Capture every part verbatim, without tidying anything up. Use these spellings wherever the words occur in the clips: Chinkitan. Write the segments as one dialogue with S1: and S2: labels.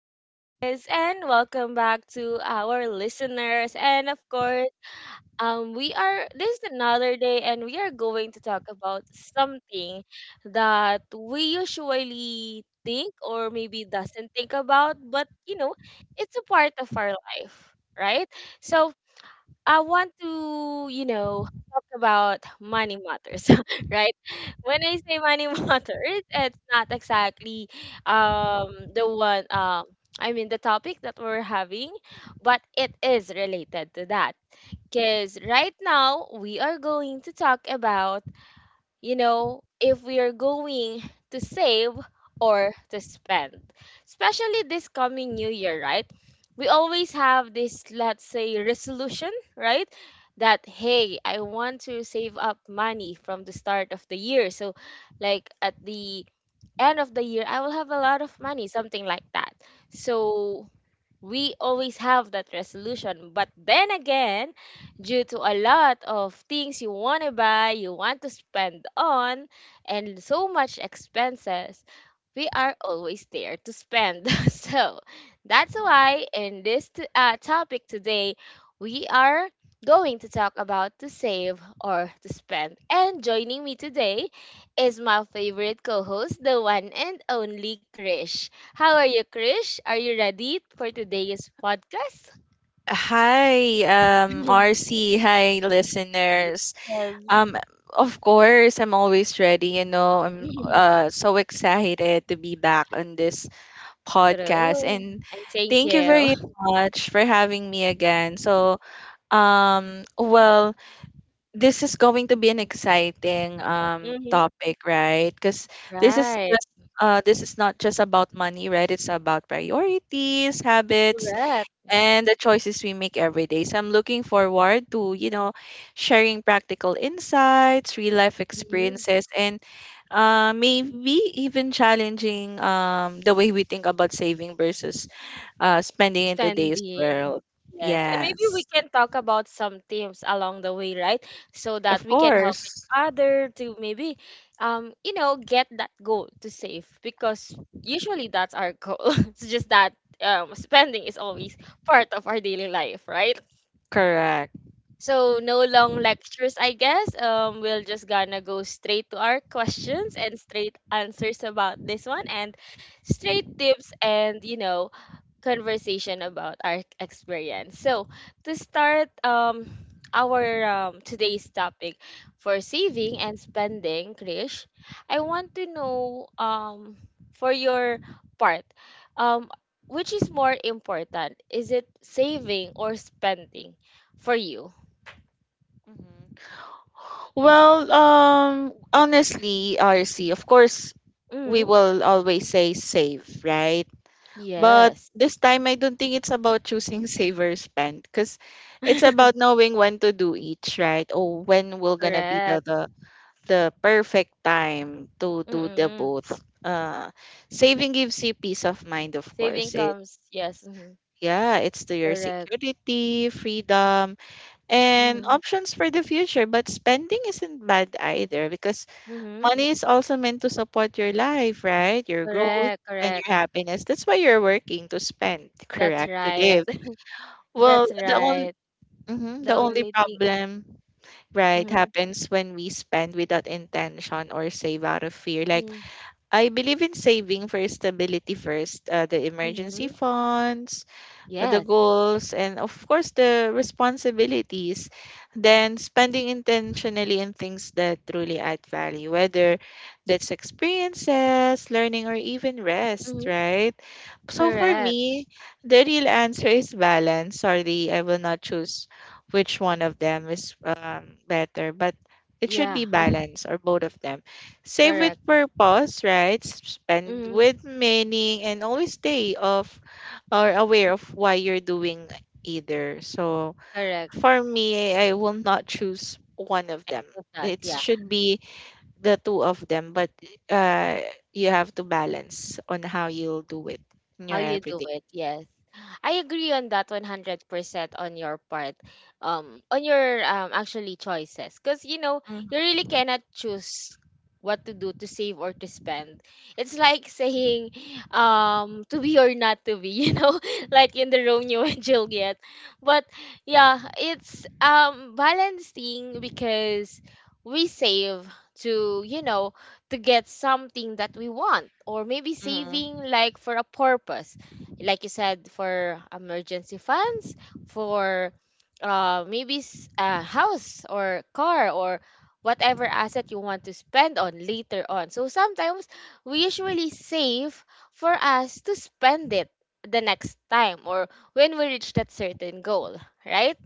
S1: guys, and welcome back to our listeners. And of course, um, we are this is another day, and we are going to talk about something that we usually think or maybe doesn't think about, but you know, it's a part of our life, right? So, I want to, you know, talk about money matters, right? When I say money matters, it's not exactly um the one um I mean the topic that we're having, but it is related to that. Because right now we are going to talk about you know, if we are going to save or to spend. Especially this coming new year, right? We always have this, let's say, resolution, right? That, hey, I want to save up money from the start of the year. So, like, at the end of the year, I will have a lot of money, something like that. So, we always have that resolution. But then again, due to a lot of things you want to buy, you want to spend on, and so much expenses, we are always there to spend. so that's why in this t- uh, topic today, we are going to talk about to save or to spend. And joining me today is my favorite co-host, the one and only Krish. How are you, Krish? Are you ready for today's podcast?
S2: Hi, um, R C. Hi, listeners.
S1: Yes.
S2: Um, of course, I'm always ready. You know, I'm uh, so excited to be back on this podcast.
S1: True.
S2: And
S1: And thank
S2: thank you
S1: you.
S2: very much for having me again. So, um, well, this is going to be an exciting um,
S1: Hmm.
S2: topic, right? Because this is
S1: Right.
S2: just uh, this is not just about money, right? It's about priorities, habits,
S1: Correct.
S2: and the choices we make every day. So I'm looking forward to, you know, sharing practical insights, real life
S1: Hmm.
S2: experiences, and uh, maybe even challenging um, the way we think about saving versus uh, spending in today's
S1: Spending.
S2: world.
S1: Yes. And maybe we
S2: Yes,
S1: can talk about some themes along the way, right? So that
S2: of
S1: we can help each
S2: course.
S1: other to maybe, um, you know, get that goal to save because usually that's our goal. it's just that um, spending is always part of our daily life, right?
S2: Correct.
S1: So no long lectures, I guess. Um, we'll just gonna go straight to our questions and straight answers about this one and straight tips and you know conversation about our experience. So to start um our um today's topic for saving and spending, Krish, I want to know um for your part, um which is more important? Is it saving or spending for you?
S2: Mhm. Well, um, honestly, R C, of course, we
S1: Mm,
S2: will always say save, right? But
S1: yes.
S2: this time, I don't think it's about choosing saver spend because it's about knowing when to do each, right? Or when will gonna be the
S1: Correct.
S2: the, the perfect time to do the
S1: Mm-mm.
S2: both. Uh, Saving gives you peace of mind, of
S1: Saving
S2: course. It
S1: comes, yes. Mm-hmm.
S2: Yeah, it's to your
S1: Correct.
S2: security, freedom, and
S1: Mm-hmm.
S2: options for the future. But spending isn't bad either because
S1: Mm-hmm.
S2: money is also meant to support your life, right? Your growth
S1: Correct,
S2: and your
S1: correct.
S2: happiness. That's why you're working to spend,
S1: That's
S2: correct? To
S1: right.
S2: live. Well,
S1: That's
S2: the only
S1: right. The
S2: the only
S1: only thing.
S2: problem, right,
S1: Mm-hmm.
S2: happens when we spend without intention or save out of fear. Like I believe in saving for stability first, uh, the emergency
S1: Mm-hmm.
S2: funds, the
S1: Yes.
S2: goals, and of course the responsibilities, then spending intentionally in things that truly add value, whether that's experiences, learning, or even rest,
S1: Mm-hmm.
S2: right? So for
S1: Correct.
S2: me, the real answer is balance. Sorry, I will not choose which one of them is um, better, but it should
S1: Yeah,
S2: be balance or both of them. Save with
S1: correct.
S2: purpose, right? S- Spend with
S1: Mm-hmm.
S2: meaning and always stay off or aware of why you're doing either. So
S1: Correct.
S2: for me, I will not choose one of them.
S1: Love that.
S2: It
S1: Yeah.
S2: should be the two of them, but uh, you have to balance on how you'll do it in
S1: How
S2: your
S1: you do
S2: everyday.
S1: it, yes. I agree on that one hundred percent on your part. Um, on your um actually choices because you know, you really cannot choose what to do to save or to spend. It's like saying um to be or not to be, you know, like in the Romeo and Juliet. But yeah, it's um balancing because we save to, you know, to get something that we want or maybe
S2: Mm-hmm.
S1: saving like for a purpose like you said, for emergency funds, for uh maybe s- a house or car or whatever asset you want to spend on later on. So sometimes we usually save for us to spend it the next time or when we reach that certain goal, right?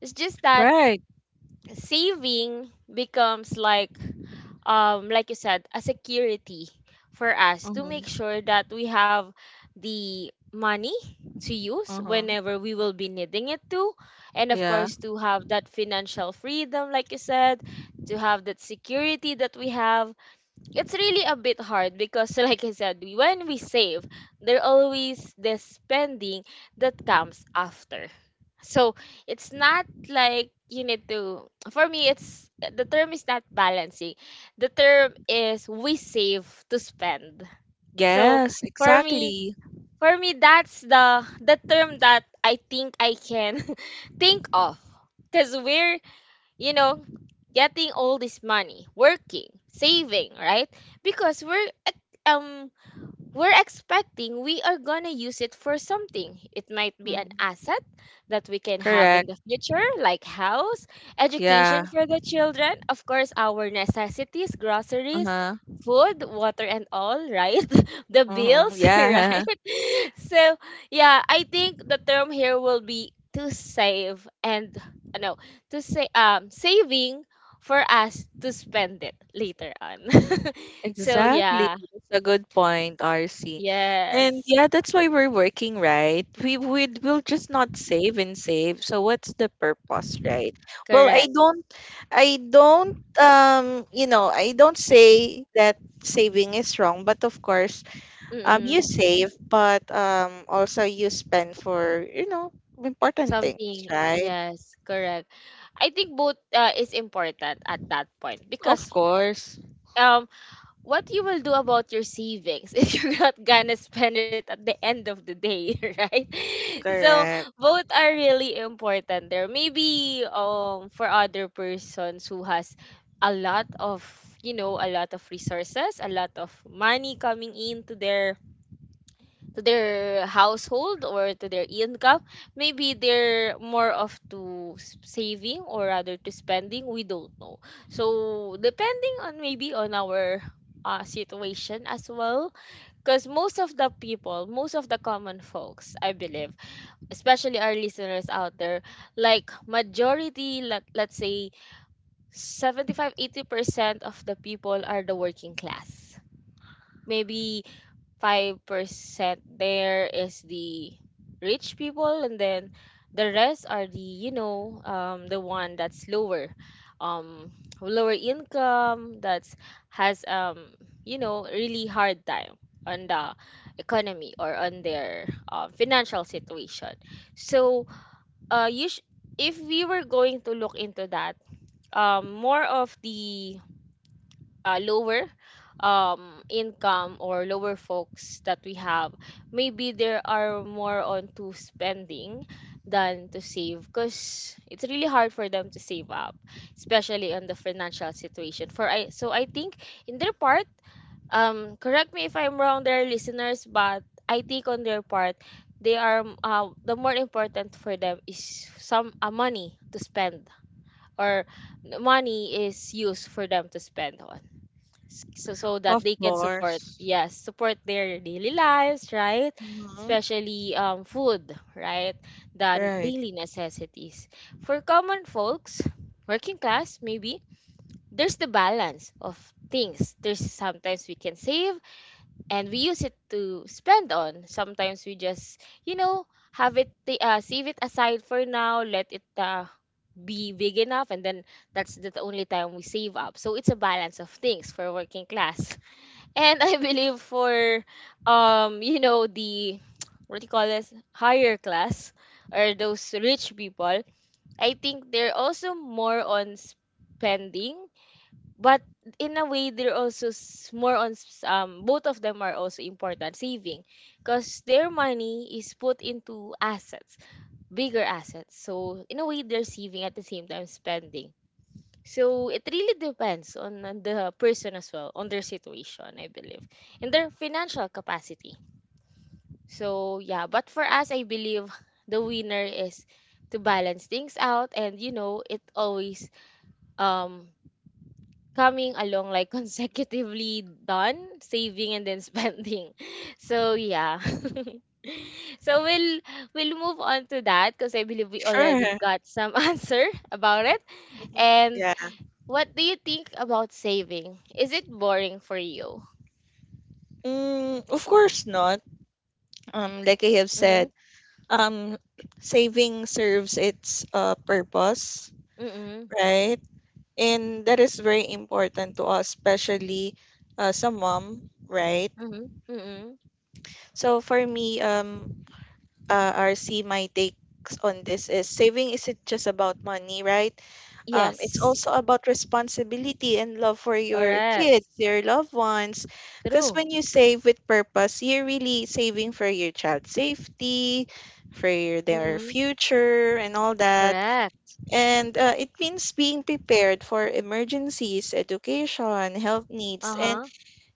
S1: It's just that
S2: Right.
S1: saving becomes like um like you said, a security for us to make
S2: Mm-hmm.
S1: sure that we have the money to use
S2: Mm-hmm.
S1: whenever we will be needing it to, and of
S2: Yeah.
S1: course to have that financial freedom, like you said, to have that security that we have. It's really a bit hard because, like I said, we- when we save, there always the spending that comes after. So it's not like you need to, for me it's the term is not balancing, the term is we save to spend. So,
S2: Yes,
S1: for me
S2: exactly.
S1: for me that's the the term that I think I can think of, because we're you know, getting all this money, working, saving, right? Because we're at, um we're expecting we are going to use it for something. It might be an
S2: Mm-hmm.
S1: asset that we can have in
S2: Correct.
S1: the future, like house,
S2: Yeah.
S1: education for the children, of course, our necessities, groceries,
S2: Uh-huh.
S1: food, water, and all, right? The
S2: Mm-hmm.
S1: bills,
S2: Yeah.
S1: right? So, yeah, I think the term here will be to save and uh, no, to say um saving for us to spend it later on. So,
S2: Exactly.
S1: yeah,
S2: That's a good point, R C. And
S1: yes.
S2: yeah, that's why we're working, right? We would we'll just not save and save. So what's the purpose, right? Well, I
S1: Correct.
S2: don't I don't um, you know, I don't say that saving is wrong, but of course, um you
S1: Mm.
S2: save, but um also you spend for, you know, important things,
S1: Something,
S2: right?
S1: yes, correct. I think both uh, is important at that point
S2: Of
S1: because
S2: course.
S1: um what you will do about your savings if you're not gonna spend it at the end of the day, right? So
S2: Correct.
S1: both are really important there. Maybe um for other persons who has a lot of you know a lot of resources, a lot of money coming into their to their household or to their income. Maybe they're more of to s- saving or rather to spending, we don't know. So depending on, maybe, on our uh, situation as well, because most of the people, most of the common folks I believe, especially our listeners out there, like majority, let, let's say, seventy-five, eighty percent of the people are the working class. Maybe five percent there is the rich people, and then the rest are the you know um the one that's lower, um lower income, that's has um you know really hard time on the economy or on their um, financial situation. So, uh you sh- if we were going to look into that, um more of the uh, lower, um income or lower folks that we have, maybe there are more on to spending than to save, because it's really hard for them to save up, especially on the financial situation. For I So I think, in their part, um correct me if I'm wrong there, listeners, but I think on their part, they are um, uh, the more important for them is some uh, money to spend, or money is used for them to spend on. S- so, so that
S2: Of
S1: they can support,
S2: course.
S1: yes, support their daily lives, right?
S2: Hmm.
S1: Especially um food, right? The
S2: Right.
S1: daily necessities. For common folks, working class, maybe there's the balance of things. There's sometimes we can save and we use it to spend on. Sometimes we just you know have it ta- uh, save it aside for now, let it uh, be big enough, and then that's the only time we save up. So it's a balance of things for working class, and I believe for um you know the what do you call this, higher class, or those rich people. I think they're also more on spending, but in a way they're also s- more on s- um both of them are also important, saving, because their money is put into assets, bigger assets. So in a way, they're saving at the same time spending. So it really depends on, on the person as well, on their situation, I believe, and their financial capacity. So yeah, but for us, I believe the winner is to balance things out, and you know, it always um coming along like consecutively done saving and then spending. So yeah. So we'll we'll move on to that because I believe we already
S2: Sure.
S1: got some answer about it.
S2: Mhm.
S1: And
S2: Yeah.
S1: what do you think about saving? Is it boring for you?
S2: Mm, of course not. Um, like I have
S1: Mm-hmm.
S2: said, um, saving serves its uh, purpose,
S1: Mm-hmm.
S2: right? And that is very important to us, especially uh, some mom, right?
S1: Mm-hmm. Mm-hmm.
S2: So for me, um, uh, R C, my takes on this is saving isn't just about money, right? Um, it's
S1: Yes.
S2: also about responsibility and love for your
S1: Correct.
S2: kids, your loved ones. Because
S1: True.
S2: when you save with purpose, you're really saving for your child's safety, for your, their
S1: Mm-hmm.
S2: future, and all that.
S1: Correct.
S2: And uh, it means being prepared for emergencies, education, health needs, and
S1: Uh-huh.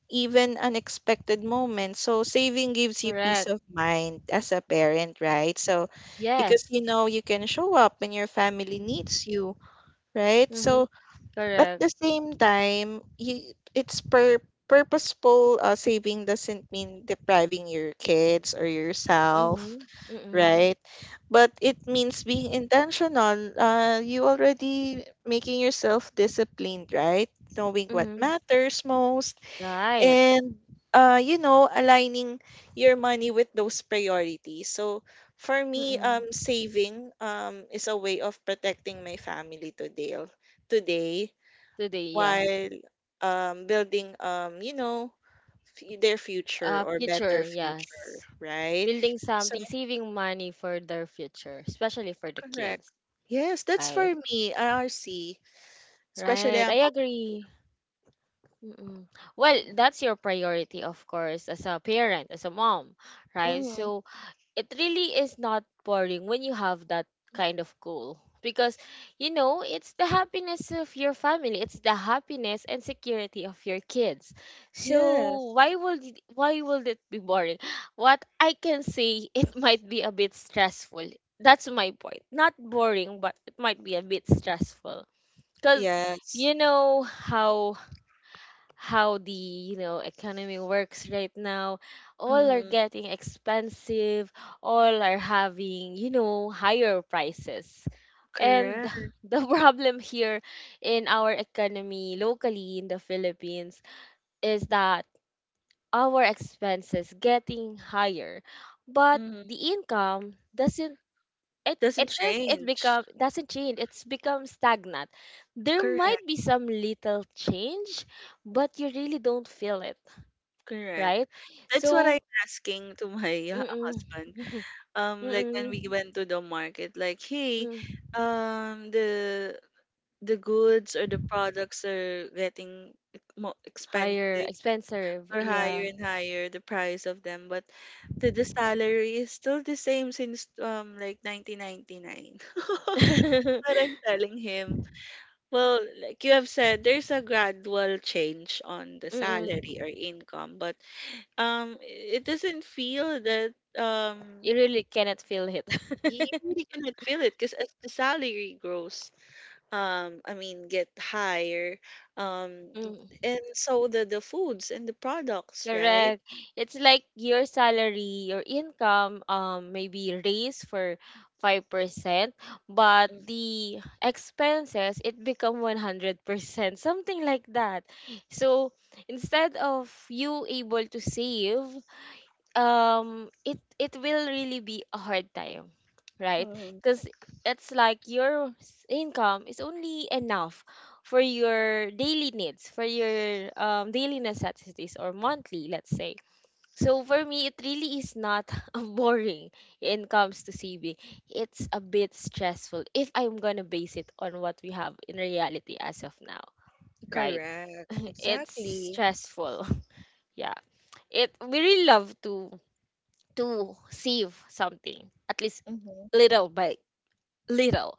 S2: even unexpected moments. So saving gives you peace
S1: Correct.
S2: of mind as a parent, right? So because
S1: Yes.
S2: you know you can show up when your family needs you, right?
S1: Mm-hmm.
S2: So but at
S1: Correct.
S2: the same time, you, it's per purposeful uh, saving doesn't mean depriving your kids or yourself,
S1: Mm-hmm. Mm-hmm.
S2: right? But it means being intentional. Uh, you already making yourself disciplined, right? Knowing what
S1: Mm-hmm.
S2: matters most
S1: Right.
S2: and uh, you know, aligning your money with those priorities. So for me, um,
S1: Mm-hmm.
S2: saving um is a way of protecting my family today. Today,
S1: Today, yeah.
S2: while um, building um, you know f- their future
S1: Uh,
S2: or
S1: future,
S2: better future,
S1: yes.
S2: right.
S1: Building
S2: So
S1: something, saving money for their future, especially for the
S2: correct,
S1: kids.
S2: yes, that's
S1: Right.
S2: for me, R R C, especially
S1: Right.
S2: among.
S1: I agree. Mm-mm. Well, that's your priority, of course, as a parent, as a mom, right?
S2: Mm.
S1: So it really is not boring when you have that kind of goal, because, you know, it's the happiness of your family, it's the happiness and security of your kids. So
S2: Yes,
S1: why would it- why would it be boring? What I can say, it might be a bit stressful. That's my point. Not boring, but it might be a bit stressful, because
S2: yes.
S1: you know how how the you know economy works right now. All are
S2: Mm-hmm.
S1: getting expensive, all are having you know higher prices, and
S2: Correct.
S1: the problem here in our economy locally in the Philippines is that our expenses getting higher, but
S2: Mm-hmm.
S1: the income doesn't. it,
S2: Doesn't
S1: it feels, it
S2: change.
S1: become doesn't change, it's become stagnant. There might
S2: Correct.
S1: be some little change, but you really don't feel it,
S2: Correct.
S1: right?
S2: That's what
S1: So,
S2: I'm asking to my uh,
S1: mm-mm.
S2: husband, um like when we
S1: Mm-mm,
S2: went to the market, like, hey,
S1: mm,
S2: um the the goods or the products are getting more
S1: higher,
S2: expensive,
S1: expensive,
S2: or higher
S1: yeah.
S2: and higher the price of them, but the, the salary is still the same since um like nineteen ninety-nine. That's
S1: Mm-mm.
S2: what I'm telling him. Well, like you have said, there's a gradual change on the salary or income, but um it doesn't feel that. um
S1: You really cannot feel
S2: you
S1: it.
S2: really cannot feel it, because as the salary grows, um I mean, get higher, um
S1: Mm,
S2: and so the the foods and the products, right?
S1: correct. It's like your salary, your income, um, maybe raise for five percent, but
S2: Mhm.
S1: the expenses it become one hundred percent, something like that. So instead of you able to save um it it will really be a hard time, right?
S2: Mm,
S1: Because it's like your s- income is only enough for your daily needs, for your um, daily necessities, or monthly, let's say. So for me it really is not boring in comes to saving. It's a bit stressful if I'm gonna base it on what we have in reality as of now, right?
S2: correct.
S1: It's
S2: Exactly.
S1: stressful. Yeah, it we really love to to save something, at least
S2: Mhm.
S1: little by little.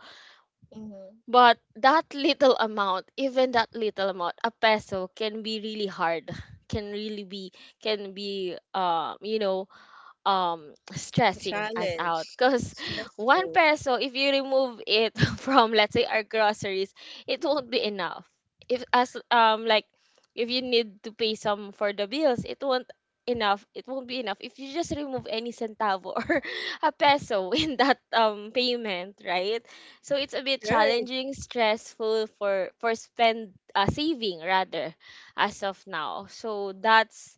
S2: Mhm.
S1: But that little amount, even that little amount, a peso can be really hard. Can really be can be, um you know um
S2: A
S1: stressing us out
S2: challenge.
S1: because one
S2: Stressful.
S1: peso, if you remove it from, let's say, our groceries, it won't be enough. If as um like, if you need to pay some for the bills, it won't enough it won't be enough if you just remove any centavo or a peso in that um payment, right? So it's a bit
S2: Right.
S1: challenging, stressful for for spend uh, saving rather, as of now. So that's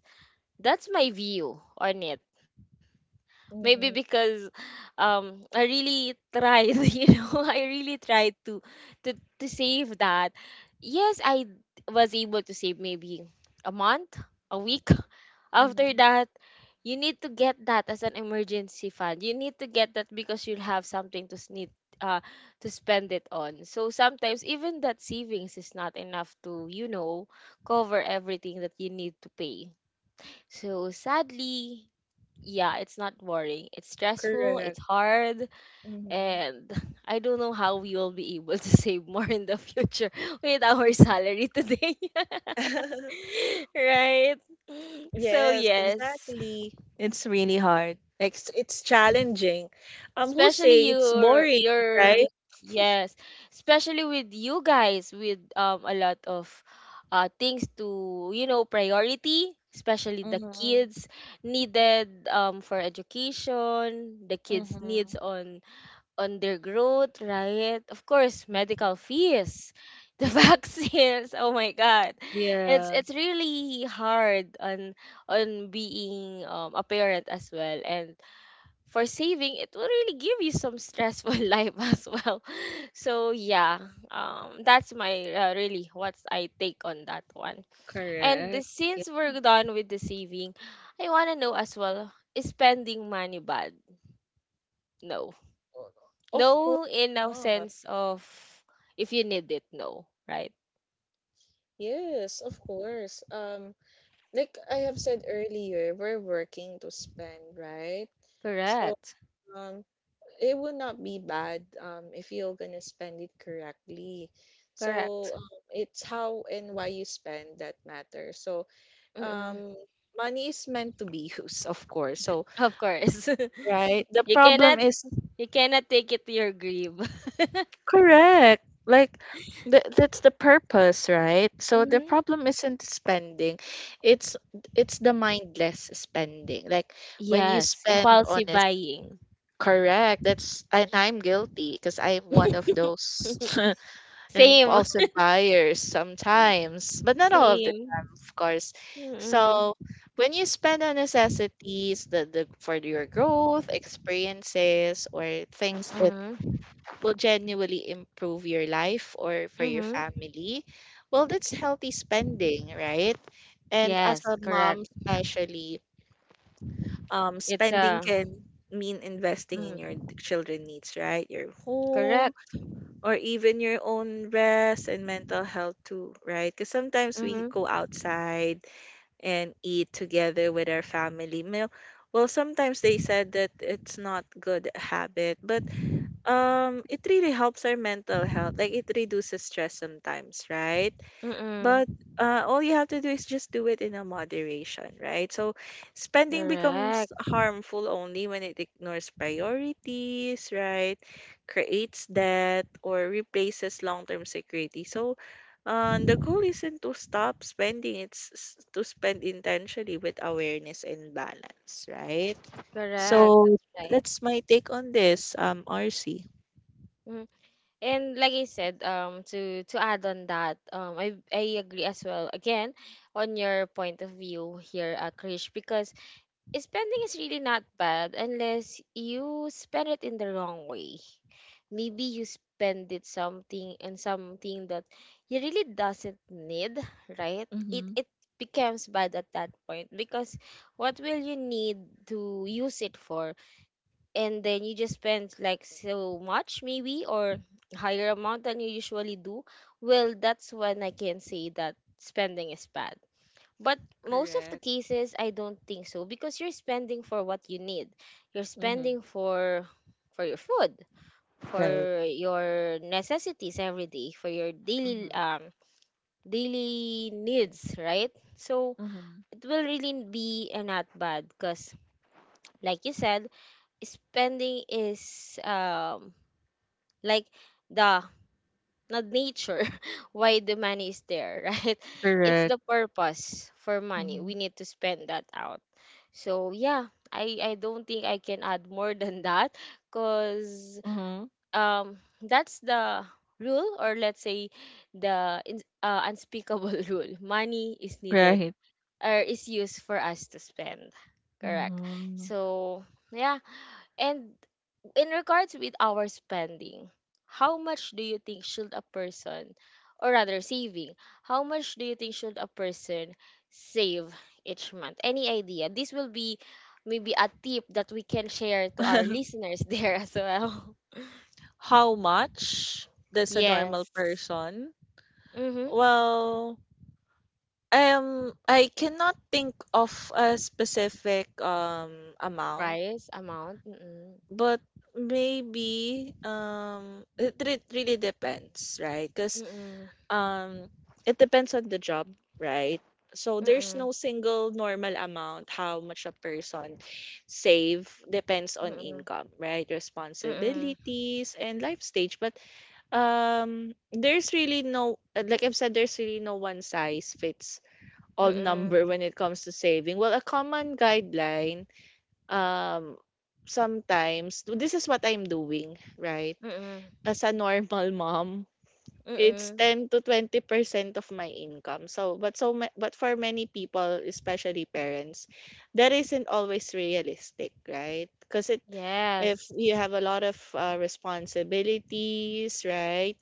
S1: that's my view on it. Maybe
S2: Mhm.
S1: because um I really tried, you know, I really tried to to to save that. Yes, I d- was able to save maybe a month, a week after
S2: Mhm.
S1: that. You need to get that as an emergency fund. You need to get that because you'll have something to need uh to spend it on. So sometimes even that savings is not enough to, you know, cover everything that you need to pay. So sadly, yeah, it's not boring. It's stressful, it's
S2: Correct.
S1: hard,
S2: Mhm.
S1: and I don't know how we will be able to save more in the future with our salary today. Right? So
S2: Yes,
S1: yes,
S2: exactly. It's really hard. It's it's challenging. Um, who
S1: especially
S2: say it's
S1: your
S2: boring,
S1: your
S2: right?
S1: yes, especially with you guys with um a lot of uh things to, you know, priority, especially the
S2: Mhm.
S1: kids needed um for education, the kids
S2: Mhm.
S1: needs on undergrowth, right? Of course,
S2: Mhm.
S1: medical fees, the vaccines. Oh my God, it's
S2: Yeah.
S1: it's really hard on on being um, a parent as well. And for saving, it will really give you some stressful life as well. So yeah, um, that's my uh, really what's I take on that one. And
S2: Correct. Yeah.
S1: since we're done with the saving, I wanna know as well, is spending money bad? No.
S2: Of course
S1: No, in a
S2: not.
S1: sense of, if you need it, no, right?
S2: Yes, of course. Um, like I have said earlier, we're working to spend, right? So,
S1: Correct.
S2: um, it would not be bad um if you're gonna spend it correctly.
S1: Correct.
S2: So, um, it's how and why you spend that matters. So,
S1: Mm-mm.
S2: um, money is meant to be used, of course. So,
S1: Of course.
S2: right? The
S1: You cannot,
S2: problem is.
S1: you cannot take it to your grave.
S2: Correct. Like th- that's the purpose, right? So the
S1: Mhm.
S2: problem isn't spending. It's it's the mindless spending. Like when you
S1: Yes,
S2: spend on
S1: impulsive
S2: it,
S1: buying.
S2: correct. That's and I'm guilty because I'm one of those
S1: Same.
S2: impulsive buyers sometimes, but not all of the
S1: Same.
S2: time, of course.
S1: Mm-mm.
S2: So when you spend on necessities, the, the for your growth, experiences, or things
S1: Mm-hmm.
S2: will genuinely improve your life or for your
S1: Mm-hmm.
S2: family, well, that's healthy spending, right? And as
S1: Yes,
S2: a
S1: correct.
S2: mom, especially, um,
S1: It's
S2: spending
S1: a
S2: can mean investing in your
S1: mm,
S2: children needs, right? Your
S1: correct.
S2: home or even your own rest and mental health too, right? Because sometimes we
S1: Mm-hmm.
S2: go outside and eat together with our family meal. Well, sometimes they said that it's not good habit, but um it really helps our mental health, like it reduces stress sometimes, right?
S1: Mm-mm.
S2: But uh, all you have to do is just do it in a moderation, right? So spending
S1: Correct.
S2: becomes harmful only when it ignores priorities, right, creates debt or replaces long-term security. So uh, the goal isn't to stop spending. It's s- to spend intentionally with awareness and balance, right?
S1: Correct.
S2: So
S1: That's right.
S2: that's my take on this, um RC.
S1: Mm-hmm. And like I said, um, to to add on that, um, I I agree as well. Again, on your point of view here, uh, Krish, because spending is really not bad unless you spend it in the wrong way. Maybe you spend it something and something that you really doesn't need, right? It
S2: Mhm.
S1: it becomes bad at that point because what will you need to use it for, and then you just spend like so much maybe, or higher amount than you usually do. Well, that's when I can say that spending is bad. But most of the
S2: Correct.
S1: cases I don't think so, because you're spending for what you need. You're spending for for your food, for your necessities every day, for your daily um daily needs, right? So it will really be uh, not bad because, like you said, spending is um like, the not nature why the money is there, right? It's
S2: Correct.
S1: the purpose for money,
S2: Mhm.
S1: we need to spend that out. So yeah, i i don't think I can add more than that because
S2: Mm-hmm.
S1: um that's the rule, or let's say, the in- uh, unspeakable rule, money is needed
S2: Right.
S1: or is used for us to spend, correct?
S2: Mhm.
S1: So yeah, and in regards with our spending, how much do you think should a person, or rather saving, how much do you think should a person save each month? Any idea? This will be maybe a tip that we can share to our listeners there as well.
S2: How much does a normal
S1: Yes.
S2: person?
S1: Mm-hmm.
S2: Well, um, I cannot think of a specific um amount,
S1: Price, amount. Mm-mm.
S2: but maybe um it, it really depends, right? 'Cause
S1: Mm-mm.
S2: um it depends on the job, right? So there's no single normal amount how much a person save, depends on
S1: Mm-mm.
S2: income, right,
S1: Mm-mm.
S2: responsibilities and life stage, but um there's really no uh, like I've said, there's really no one size fits
S1: Mm-mm.
S2: all
S1: Mm-mm.
S2: number when it comes to saving. Well, a common guideline, um sometimes this is what I'm doing, right?
S1: Mm-mm.
S2: As a normal mom, it's
S1: Mm-mm.
S2: ten to twenty percent of my income. So, but so ma- but for many people, especially parents, that isn't always realistic, right? Because it if
S1: Yes.
S2: you have a lot of uh, responsibilities, right?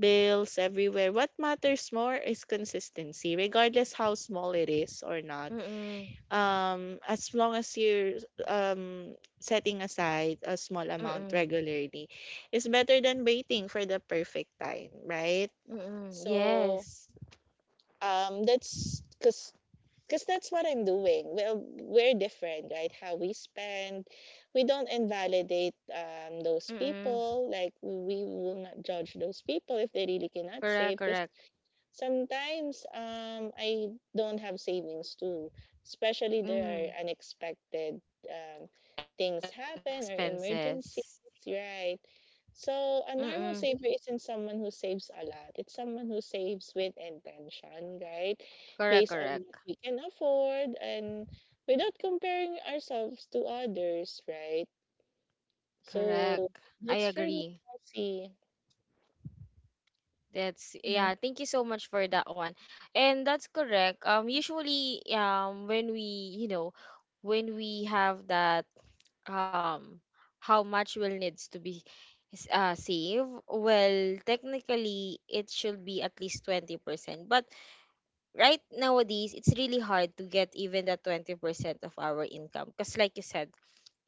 S2: Bills everywhere. What matters more is consistency, regardless how small it is or not.
S1: Mm-mm.
S2: Um, as long as you're um setting aside a small amount
S1: Mm-mm.
S2: regularly, is better than waiting for the perfect time, right?
S1: Mm,
S2: So
S1: yes.
S2: um, that's because because that's what I'm doing. Well, we're different, right? How we spend, we don't invalidate um, those
S1: Mm,
S2: people. Like we will not judge those people if they really cannot
S1: correct,
S2: save. 'Cause
S1: correct.
S2: sometimes um, I don't have savings too, especially there
S1: Mm,
S2: are unexpected um, things happen or
S1: expenses.
S2: emergencies, right?
S1: Mm,
S2: So a normal saver isn't someone who saves a lot. It's someone who saves with intention, right?
S1: correct, correct.
S2: Based on what we can afford and without comparing ourselves to others, right?
S1: Correct.
S2: So
S1: I
S2: that's for me,
S1: agree.
S2: see.
S1: That's yeah, thank you so much for that one. And that's correct. Um usually, um when we, you know, when we have that, um how much will needs to be s- uh save, well, technically it should be at least twenty percent. But right nowadays it's really hard to get even that twenty percent of our income because, like you said,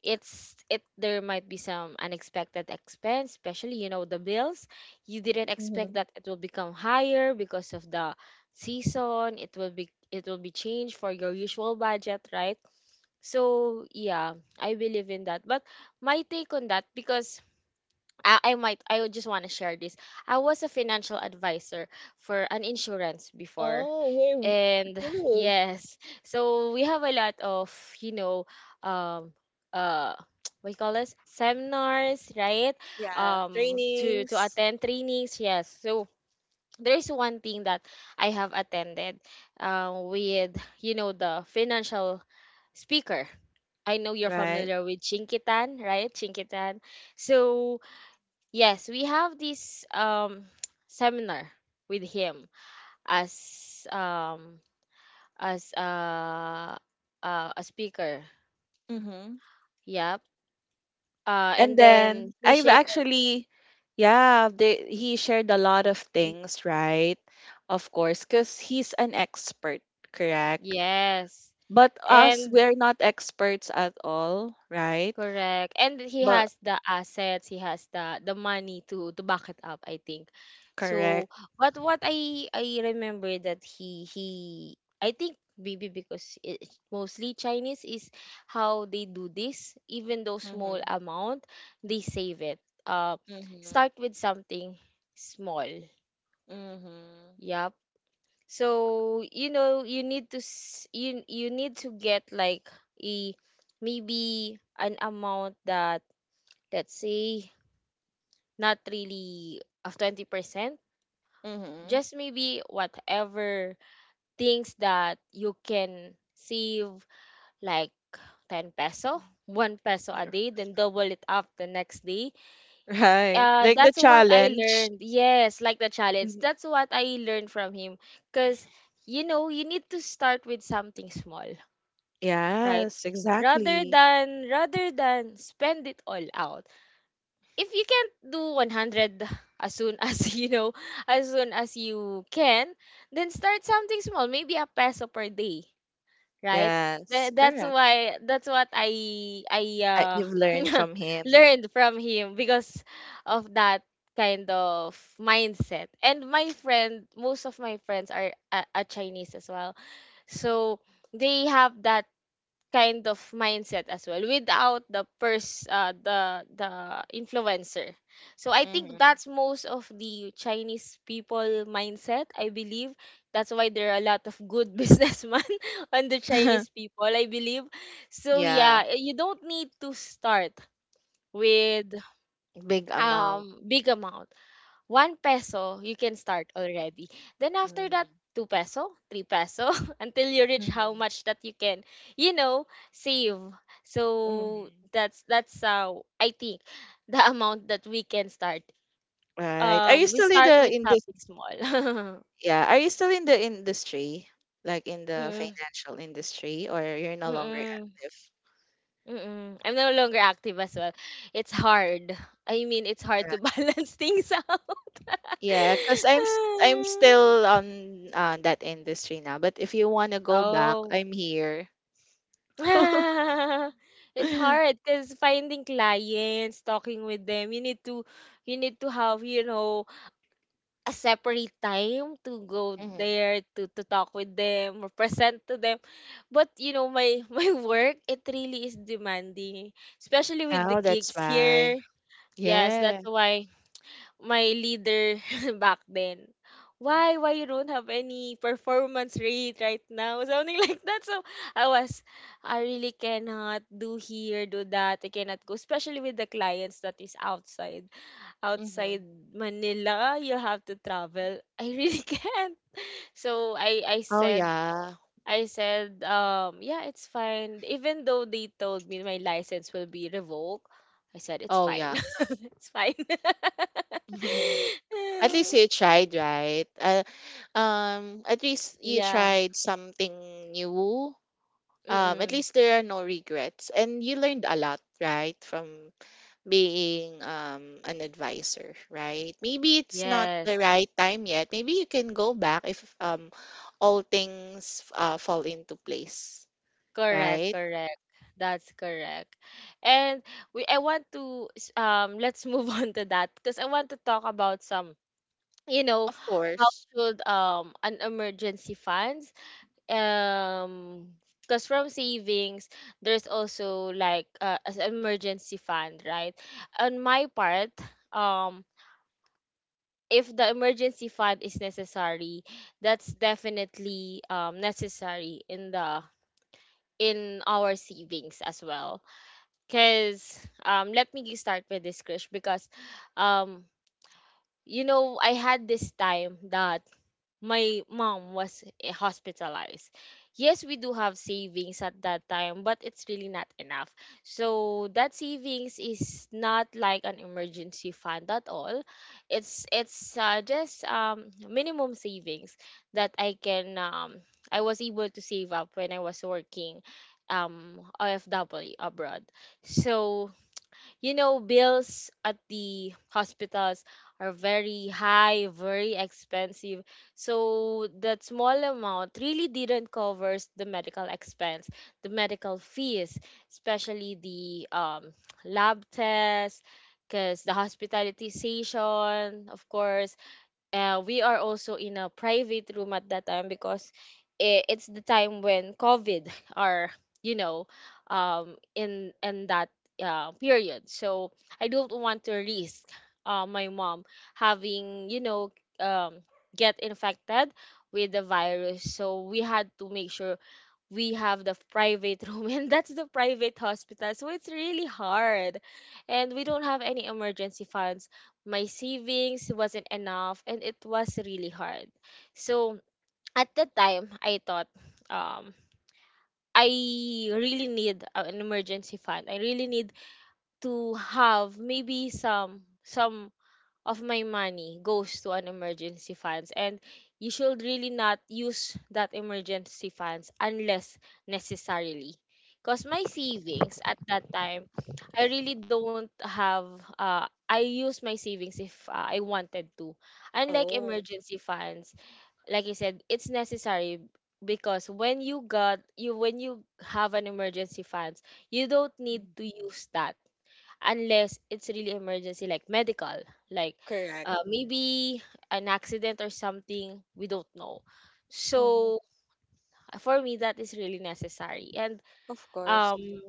S1: it's it there might be some unexpected expense, especially, you know, the bills you didn't expect
S2: Hmm.
S1: that it will become higher because of the season. It will be it will be changed for your usual budget, right? So yeah, I believe in that, but my take on that, because I, I might I would just want to share this. I was a financial advisor for an insurance before.
S2: Oh,
S1: And
S2: we're.
S1: yes, so we have a lot of, you know, um uh what you call this? Seminars, right?
S2: Yeah,
S1: Um to to
S2: trainings.
S1: attend trainings, yes. So there's one thing that I have attended uh, with, you know, the financial speaker. I know you're
S2: Right.
S1: familiar with Chinkitan, right? Chinkitan. So yes, we have this um seminar with him as um as uh, uh a speaker.
S2: Mm-hmm.
S1: Yep. Uh and
S2: And then
S1: then he
S2: I've
S1: shared
S2: actually, yeah, they, he shared a lot of things, right? Of course, because he's an expert, correct?
S1: yes.
S2: But us,
S1: And
S2: we're not experts at all, right?
S1: correct. And he
S2: But
S1: has the assets, he has the the money to to back it up, I think. So,
S2: correct.
S1: but what I I remember that he he I think maybe because it's mostly Chinese is how they do this, even though small
S2: Mm-hmm.
S1: amount, they save it. Uh,
S2: Mm-hmm.
S1: start with something small.
S2: Mm-hmm.
S1: Yep. So, you know, you need to s- you you need to get like a maybe an amount that, let's say, not really of twenty percent,
S2: Mm-hmm.
S1: just maybe whatever things that you can save, like ten peso, one peso a day, then double it up the next day.
S2: Right.
S1: Uh,
S2: Like the
S1: that's what I
S2: challenge.
S1: learned. Yes, like the challenge.
S2: Mhm.
S1: That's what I learned from him. Because, you know, you need to start with something small, right?
S2: Yes,
S1: Rather
S2: exactly.
S1: than rather than spend it all out, if you can't do one hundred as soon as you know, as soon as you can, then start something small, maybe a peso per day, right?
S2: Yes,
S1: Tha- that's
S2: correct.
S1: why that's what i i
S2: I,
S1: uh,
S2: you've learned from him.
S1: learned from him because of that kind of mindset. And my friend, most of my friends are a, a Chinese as well, so they have that kind of mindset as well, without the pers uh, the the influencer. So I think
S2: Mhm.
S1: that's most of the Chinese people mindset, I believe. That's why there are a lot of good businessmen on the Chinese people, I believe. So
S2: Yeah,
S1: yeah, you don't need to start with
S2: big
S1: um
S2: amount.
S1: big amount. one peso, you can start already. Then after that,
S2: Mhm.
S1: two peso, three peso, until you reach how
S2: Mhm.
S1: much that you can, you know, save. So
S2: Mhm.
S1: that's that's how I think the amount that we can start.
S2: Right. Are you
S1: Um, we
S2: still in
S1: start
S2: the
S1: with
S2: in this?
S1: something small.
S2: Yeah. Are you still in the industry, like in the
S1: Mm,
S2: financial industry, or you're no longer
S1: Mm-mm.
S2: active?
S1: Mm-mm. I'm no longer active as well. It's hard. I mean, it's hard
S2: Yeah.
S1: to balance things out.
S2: Yeah, because I'm s- I'm still on uh, that industry now. But if you want to go back,
S1: Oh.
S2: I'm here.
S1: It's hard because finding clients, talking with them, you need to you need to have, you know, a separate time to go
S2: Mhm.
S1: there to to talk with them or present to them. But you know, my my work, it really is demanding, especially with the
S2: Oh, that's
S1: gigs here.
S2: why.
S1: Yes,
S2: Yeah.
S1: that's why my leader back then, why why you don't have any performance rate right now? Something like that. So I was, I really cannot do here, do that. I cannot go, especially with the clients that is outside. Outside
S2: Hmm.
S1: Manila, you have to travel. I really can't. So I I
S2: Oh
S1: said
S2: yeah.
S1: I said, um, yeah, it's fine. Even though they told me my license will be revoked, I said it's
S2: Oh
S1: fine.
S2: yeah.
S1: It's fine.
S2: At least you tried, right? Uh, um at least you
S1: Yeah.
S2: tried something new, um at
S1: Mm-mm.
S2: least there are no regrets, and you learned a lot, right, from being um an advisor, right? Maybe it's not
S1: Yes.
S2: the right time yet. Maybe you can go back if um all things uh, fall into place,
S1: Correct,
S2: right,
S1: correct. That's correct. And we I want to s- um let's move on to that because I want to talk about some, you know,
S2: of
S1: how
S2: course.
S1: should um an emergency funds um because from savings there's also like, uh, as emergency fund, right? On my part, um if the emergency fund is necessary, that's definitely um necessary in the in our savings as well. Because um let me g- start with this, Krish, because um you know, I had this time that my mom was, eh, hospitalized. Yes, we do have savings at that time, but it's really not enough. So that savings is not like an emergency fund at all. It's it's uh, just um minimum savings that I can, um I was able to save up when I was working um O F W abroad. So you know, bills at the hospitals are very high, very expensive. So that small amount really didn't cover the medical expense, the medical fees, especially the um, lab tests, because the hospitalization, of course, uh, we are also in a private room at that time because i- it's the time when COVID are you know um, in in that uh, period. So I don't want to risk uh, my mom having you know um, get infected with the virus. So we had to make sure we have the private room and that's the private hospital, so it's really hard and we don't have any emergency funds. My savings wasn't enough and it was really hard. So at the time I thought, um I really need a- an emergency fund. I really need to have maybe some some of my money goes to an emergency funds, and you should really not use that emergency funds unless necessarily, because my savings at that time I really don't have. Uh, I use my savings if uh, I wanted to, unlike
S2: Oh,
S1: emergency funds. Like I said, it's necessary, because when you got you when you have an emergency funds, you don't need
S2: mm,
S1: to use that unless it's really emergency, like medical, like
S2: correct.
S1: uh, maybe an accident or something, we don't know.
S2: Mm-hmm.
S1: So for me, that is really necessary. And
S2: Of course.
S1: um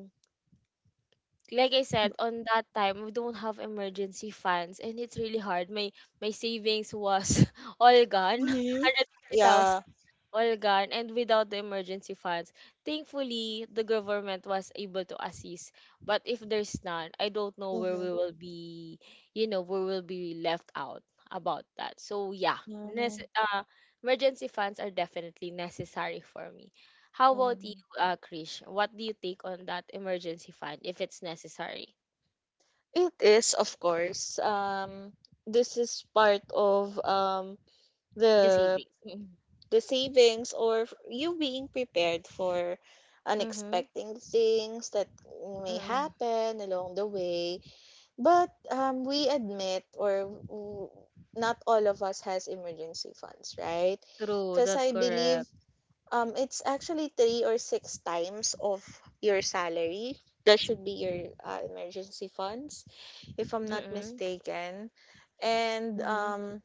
S1: like I said, on that time we don't have emergency funds and it's really hard. my my savings was all gone
S2: Hmm.
S1: one hundred fifty thousand,
S2: Yeah.
S1: all gone, and without the emergency funds. Thankfully, the government was able to assist. But if there's none, I don't know where
S2: Mm-hmm.
S1: we will be, you know, we will be left out about that. So yeah, nece- uh, emergency funds are definitely necessary for me. How about you,
S2: Mm-hmm.
S1: uh, Krish? What do you take on that emergency fund, if it's necessary?
S2: It is, of course. Um, this is part of um,
S1: The
S2: the
S1: savings.
S2: the savings, or f- you being prepared for
S1: Mm-hmm.
S2: unexpected things that may
S1: Mm-hmm.
S2: happen along the way. But um, we admit, or w- not all of us has emergency funds, right?
S1: True,
S2: Because
S1: that's
S2: I
S1: correct.
S2: believe um, it's actually three or six times of your salary. That should be your uh, emergency funds, if I'm not
S1: Mm-mm.
S2: mistaken. And
S1: Mm-hmm.
S2: um,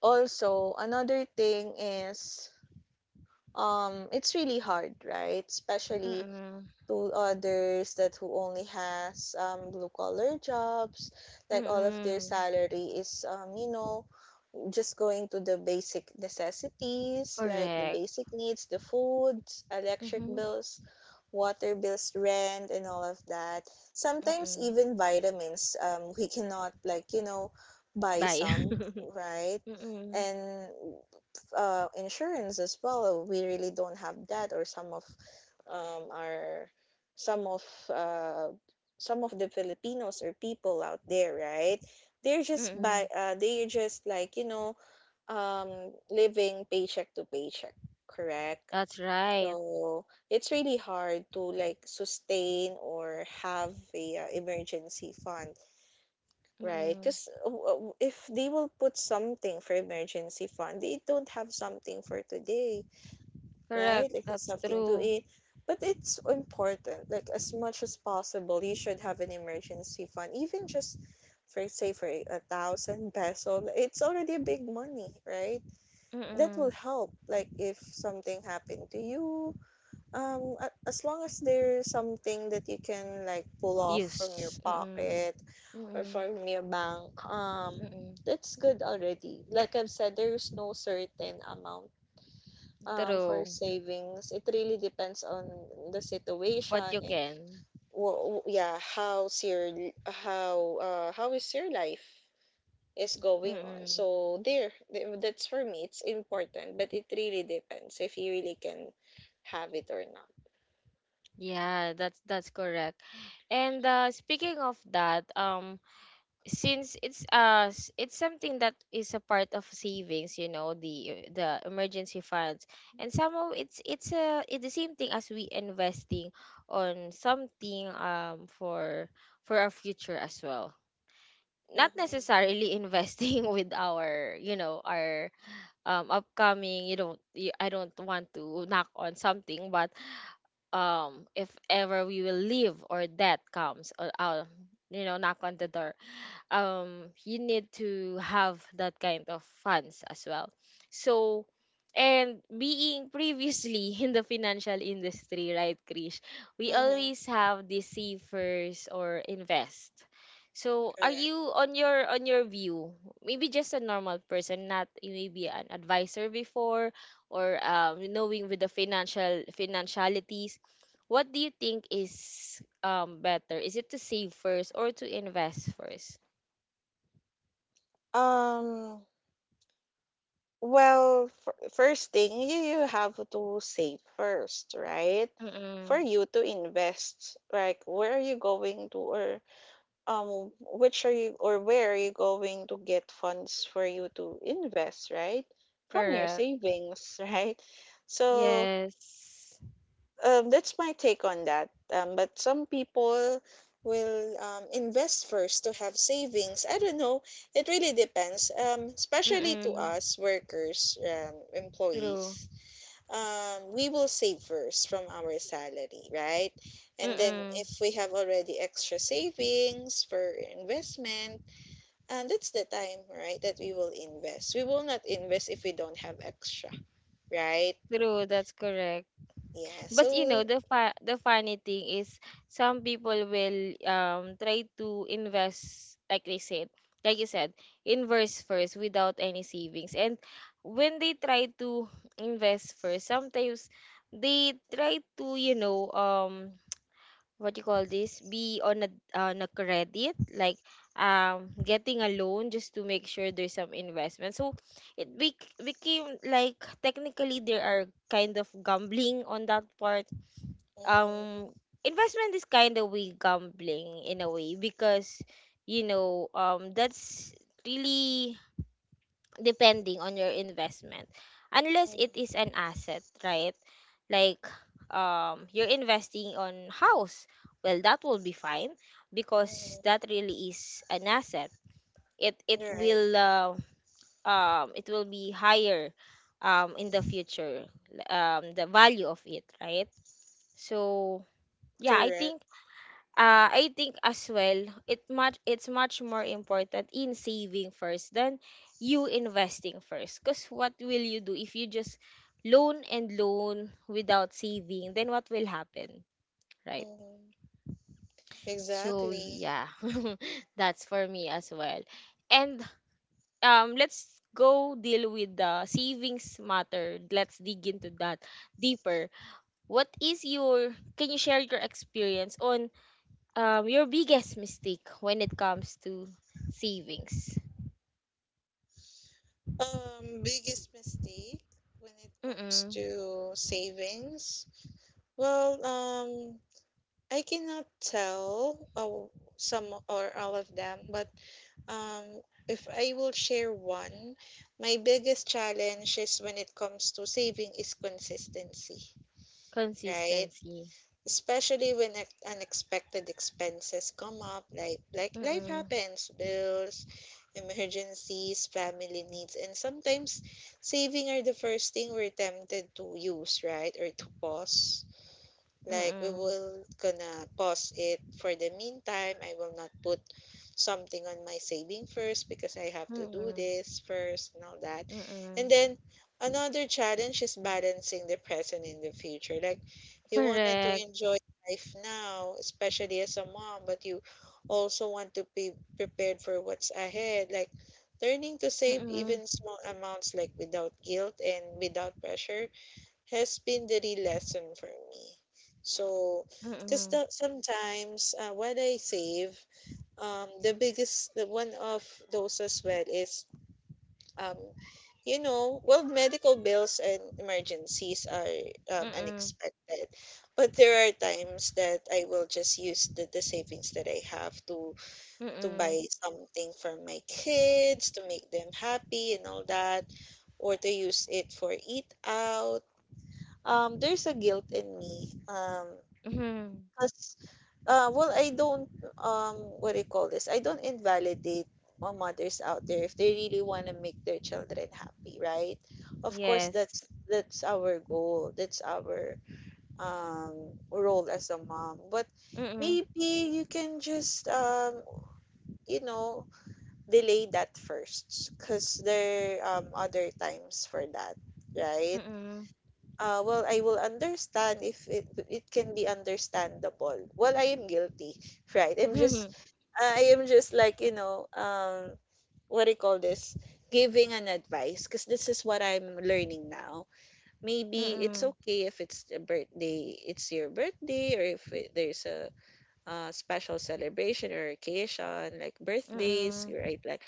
S2: Also, another thing is um, it's really hard, right? Especially
S1: Mm-mm.
S2: to others that who only has um, blue collar jobs, like all of their
S1: Mm-mm.
S2: salary is um, you know just going to the basic necessities like the
S1: Correct.
S2: basic needs, the foods, electric
S1: Mm-hmm.
S2: bills, water bills, rent, and all of that. Sometimes
S1: Mm-mm.
S2: even vitamins, um, we cannot like you know buy
S1: Bye.
S2: some, right?
S1: Mm-mm.
S2: And uh, insurance as well. We really don't have that, or some of um, our some of uh, some of the Filipinos or people out there, right? They're just
S1: Mm-mm.
S2: by uh, they're just like you know um living paycheck to paycheck, correct,
S1: That's right.
S2: so it's really hard to like sustain or have a uh, emergency fund, right,
S1: Mm-mm.
S2: because if they will put something for emergency fund, they don't have something for today,
S1: Correct.
S2: right, like it's
S1: That's
S2: something to
S1: true.
S2: eat. But it's important, like as much as possible you should have an emergency fund, even just for, say, for a thousand peso, it's already a big money, right? That will
S1: Mm-mm.
S2: help, like if something happened to you, um a- as long as there's something that you can like pull off from your
S1: Use. Mm-mm.
S2: pocket or
S1: Mm-mm.
S2: from your bank, um
S1: Mm-mm.
S2: that's good already. Like I've said, there's no certain amount um for
S1: True.
S2: savings. It really depends on the
S1: What
S2: situation
S1: you
S2: and
S1: can.
S2: w- w- yeah, how's your, how uh how is your life is going on.
S1: Mm-mm.
S2: So there, th- that's for me. It's important, but it really depends if you really can have it or not.
S1: Yeah, that's that's correct. And uh, speaking of that, um, since it's uh s- it's something that is a part of savings, you know, the the emergency funds, and somehow it's it's a it's the same thing as we investing on something um for for our future as well, not
S2: Mm-hmm.
S1: necessarily investing with our, you know, our um upcoming. You don't you, I don't want to knock on something, but um if ever we will leave or death comes or uh, you know, knock on the door, um you need to have that kind of funds as well. So and being previously in the financial industry, right, Krish? We
S2: Mm-hmm.
S1: always have the savers or invest. So are
S2: Correct.
S1: you on your on your view, maybe just a normal person, not maybe an advisor before, or um, knowing with the financial financialities, what do you think is um better? Is it to save first or to invest first?
S2: Um. Well, f- first thing, you you have to save first, right? For
S1: Mm.
S2: you to invest, like where are you going to, or um, which are you, or where are you going to get funds for you to invest, right? From your
S1: Correct.
S2: savings, right? So.
S1: Yes.
S2: Um, that's my take on that. Um, but some people will um, invest first to have savings. I don't know. It really depends. Um, especially to
S1: Mm.
S2: us workers, um,
S1: True.
S2: employees. Um, we will save first from our salary, right? And then
S1: Mm.
S2: if we have already extra savings for investment, um, that's the time, right, that we will invest. We will not invest if we don't have extra, right?
S1: True, that's correct.
S2: Yeah.
S1: But you know,
S2: So.
S1: the fa the funny thing is some people will um try to invest, like they said, like you said, invest first without any savings. And when they try to invest first, sometimes they try to, you know, um what you call this, be on a on a credit, like um getting a loan just to make sure there's some investment. So it bec- became like technically there are kind of gambling on that part.
S2: mm,
S1: um Investment is kind of way gambling in a way, because, you know, um that's really depending on your investment, unless
S2: mm,
S1: it is an asset, right? Like um you're investing on house, well, that will be fine, because
S2: mm.
S1: that really is an asset. It it
S2: Right.
S1: will uh, um it will be higher um in the future, um the value of it, right? So yeah, I
S2: Correct.
S1: think uh, I think as well, it much it's much more important in saving first than you investing first. Cause what will you do if you just loan and loan without saving? Then what will happen, right?
S2: hmm
S1: So
S2: Exactly.
S1: yeah, that's for me as well. And um, let's go deal with the savings matter. Let's dig into that deeper. What is your? Can you share your experience on um your biggest mistake when it comes to savings?
S2: Um, biggest mistake when it comes
S1: Mm-mm.
S2: to savings? Well, um, I cannot tell oh, some or all of them, but um, if I will share one, my biggest challenge is when it comes to saving is consistency, right?
S1: Consistency.
S2: Especially when ex- unexpected expenses come up, like like life
S1: Mm-mm.
S2: happens, bills, emergencies, family needs, and sometimes saving are the first thing we're tempted to use, right, or to pause. Like we
S1: Mm-mm.
S2: will gonna pause it for the meantime. I will not put something on my saving first because I have to do
S1: Mm-mm.
S2: this first and all that. And
S1: Mm-mm.
S2: then another challenge is balancing the present and the future. Like you wanted to
S1: Correct.
S2: enjoy life now, especially as a mom, but you also want to be prepared for what's ahead. Like learning to save
S1: Mm-mm.
S2: even small amounts like without guilt and without pressure has been the real lesson for me. So, because
S1: Mm-mm.
S2: sometimes uh, what I save, um, the biggest, the one of those as well is, um, you know, well, medical bills and emergencies are um,
S1: Mm-mm.
S2: unexpected, but there are times that I will just use the, the savings that I have to to
S1: Mm-mm.
S2: buy something for my kids to make them happy and all that, or to use it for eat out. Um there's a guilt in me, um
S1: Mm-mm.
S2: because uh well, I don't um what do you call this, I don't invalidate all mothers out there if they really want to make their children happy, right? Of course, that's
S1: Yes.
S2: that's our goal, that's our um role as a mom. But
S1: Mm-mm.
S2: maybe you can just um you know delay that first, because there um other times for that, right?
S1: Mm-mm.
S2: Uh, well, I will understand if it it can be understandable. Well, I am guilty, right? I'm
S1: Mm-mm.
S2: just I am just like, you know, um what do you call this? Giving an advice because this is what I'm learning now. Maybe it's
S1: Mm-mm.
S2: okay if it's a birthday, it's your birthday, or if it, there's a, uh special celebration or occasion like birthdays, right? Like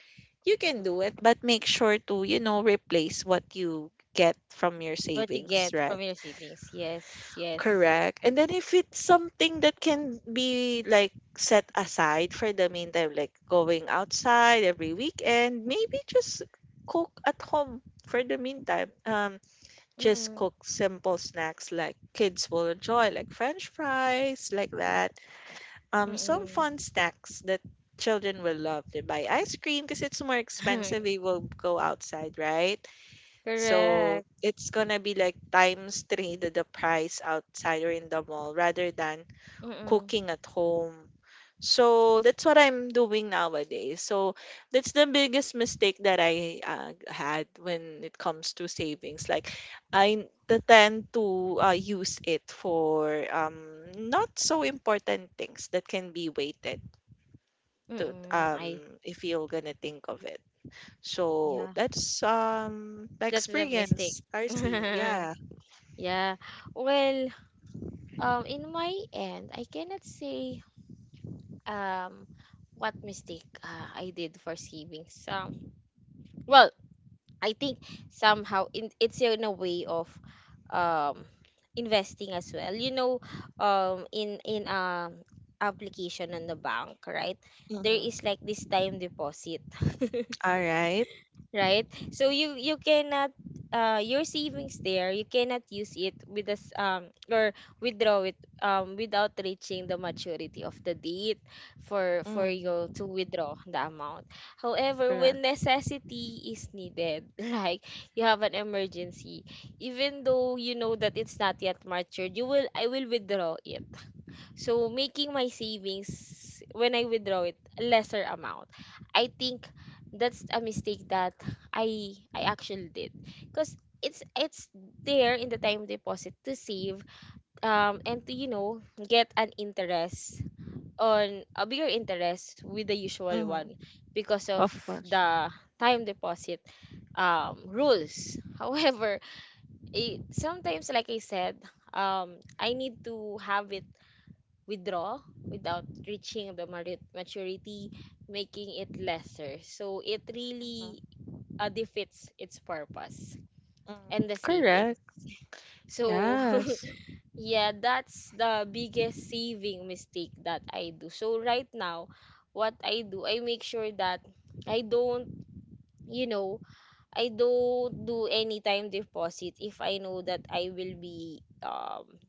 S2: you can do it, but make sure to, you know, replace what you get from your
S1: What you
S2: savings,
S1: get from
S2: right?
S1: your savings? Yes. Yes.
S2: Correct. And then if it's something that can be like set aside for the meantime, like going outside every weekend, maybe just cook at home for the meantime. Um, just
S1: Mm-mm.
S2: cook simple snacks like kids will enjoy, like French fries, like that. Um, some
S1: Mm-mm.
S2: fun snacks that children will love. They buy ice cream because it's more expensive. They will go outside, right? So
S1: Correct.
S2: it's gonna be like times three the, the price outside or in the mall rather than
S1: Mm-mm.
S2: cooking at home. So that's what I'm doing nowadays. So that's the biggest mistake that I uh, had when it comes to savings. Like I t- tend to uh, use it for um, not so important things that can be waited to
S1: Mm-mm. I
S2: um, if you're gonna think of it. So
S1: yeah.
S2: that's um my
S1: That's a mistake.
S2: experience, R C. Yeah.
S1: Yeah. Well, um, in my end, I cannot say um what mistake uh, I did for savings. Um, well, I think somehow in it's in a way of um investing as well. You know, um, in in um application on the bank, right? There is
S2: Mm-hmm.
S1: like this time deposit.
S2: All right.
S1: Right? So you you cannot uh your savings there, you cannot use it with us um or withdraw it um without reaching the maturity of the date for for
S2: Mm,
S1: you to withdraw the amount. However, when
S2: correct.
S1: necessity is needed, like you have an emergency, even though you know that it's not yet matured, you will I will withdraw it, so making my savings when I withdraw it a lesser amount. I think that's a mistake that I I actually did, because it's it's there in the time deposit to save um and to, you know, get an interest, on a bigger interest with the usual
S2: Mm-hmm.
S1: one, because of
S2: Of course.
S1: the time deposit um rules. However, it sometimes, like I said, um I need to have it withdraw without reaching the mari- maturity, making it lesser. So it really
S2: Mm-hmm.
S1: uh, defeats its purpose
S2: Mm-hmm.
S1: and the savings.
S2: Correct.
S1: So
S2: Yes.
S1: yeah, that's the biggest saving mistake that I do. So right now, what I do, I make sure that I don't, you know, I don't do any time deposit if I know that I will be um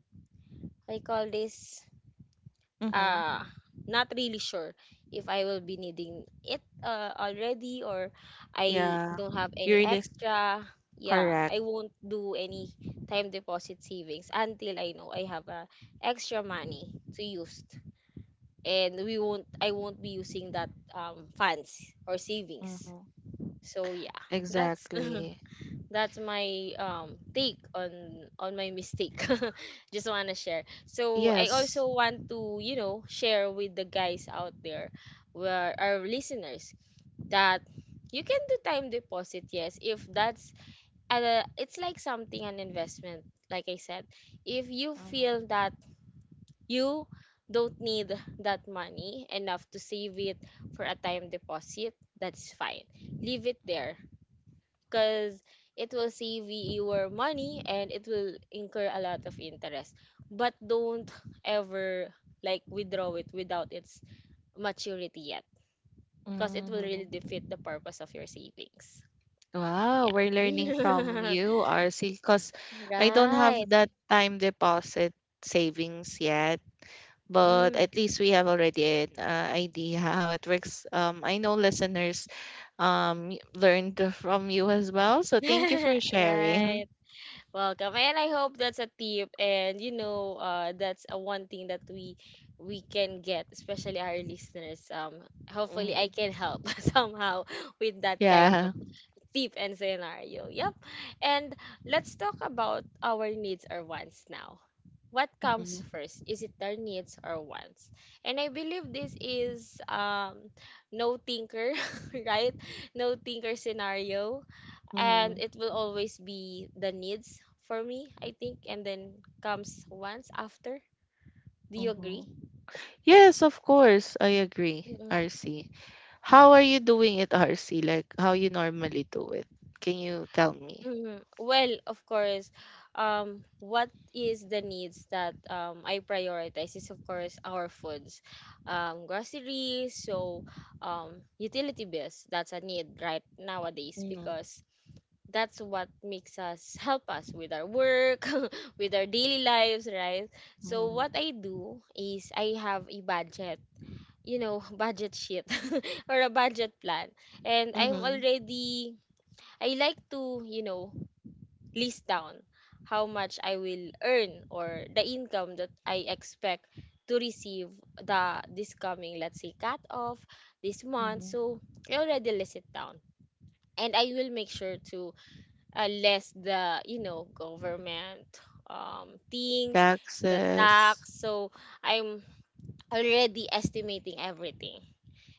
S1: I call this uh
S2: Mm-hmm.
S1: not really sure if I will be needing it uh, already, or I
S2: Yeah.
S1: don't have
S2: You
S1: any
S2: really
S1: extra. Yeah,
S2: correct.
S1: I won't do any time deposit savings until I know I have uh, extra money to use. And we won't I won't be using that um funds or savings.
S2: Mm-hmm.
S1: So yeah, that's
S2: Exactly.
S1: that's my um take on on my mistake. Just want to share, so I
S2: Yes.
S1: also want to, you know, share with the guys out there, where our listeners, that you can do time deposit, yes, if that's uh, it's like something an investment. Like I said, if you feel
S2: Mm-hmm.
S1: that you don't need that money enough to save it for a time deposit, that's fine, leave it there, because it will save your money and it will incur a lot of interest. But don't ever like withdraw it without its maturity yet, because it will really
S2: Mm-hmm.
S1: defeat the purpose of your savings.
S2: Wow, we're learning from
S1: Yeah.
S2: you, R C, because I don't have
S1: Right.
S2: that time deposit savings yet. But
S1: Mm.
S2: at least we have already an uh, idea how it works. Um, I know listeners um y- learned from you as well, so thank you for sharing.
S1: Right. Welcome. And I hope that's a tip, and you know, uh that's a one thing that we we can get, especially our listeners. Um, hopefully I
S2: Mhm.
S1: can help somehow with that kind
S2: Yeah.
S1: of tip and scenario. Yep. And let's talk about our needs or wants now. What comes
S2: Mhm.
S1: first? Is it our needs or wants? And I believe this is um no thinker, right? No thinker scenario, and
S2: Mhm.
S1: it will always be the needs for me, I think, and then comes once after. Do you agree?
S2: Mhm. Yes, of course, I agree,
S1: Mm-mm.
S2: R C. How are you doing it, R C? Like how you normally do it? Can you tell me?
S1: Mhm. Well, of course, um, what is the needs that um I prioritize is of course our foods, um, groceries, so um utility bills. That's a need right nowadays,
S2: Mm.
S1: because that's what makes us help us with our work with our daily lives, right? So what I do is I have a budget, you know, budget sheet, or a budget plan, and I'm
S2: Mm-hmm.
S1: already, I like to, you know, list down how much I will earn or the income that I expect to receive the this coming, let's say, cut off this month.
S2: Hmm.
S1: So I already list it down, and I will make sure to uh, less the, you know, government um things, the
S2: Taxes.
S1: tax. So I'm already estimating everything,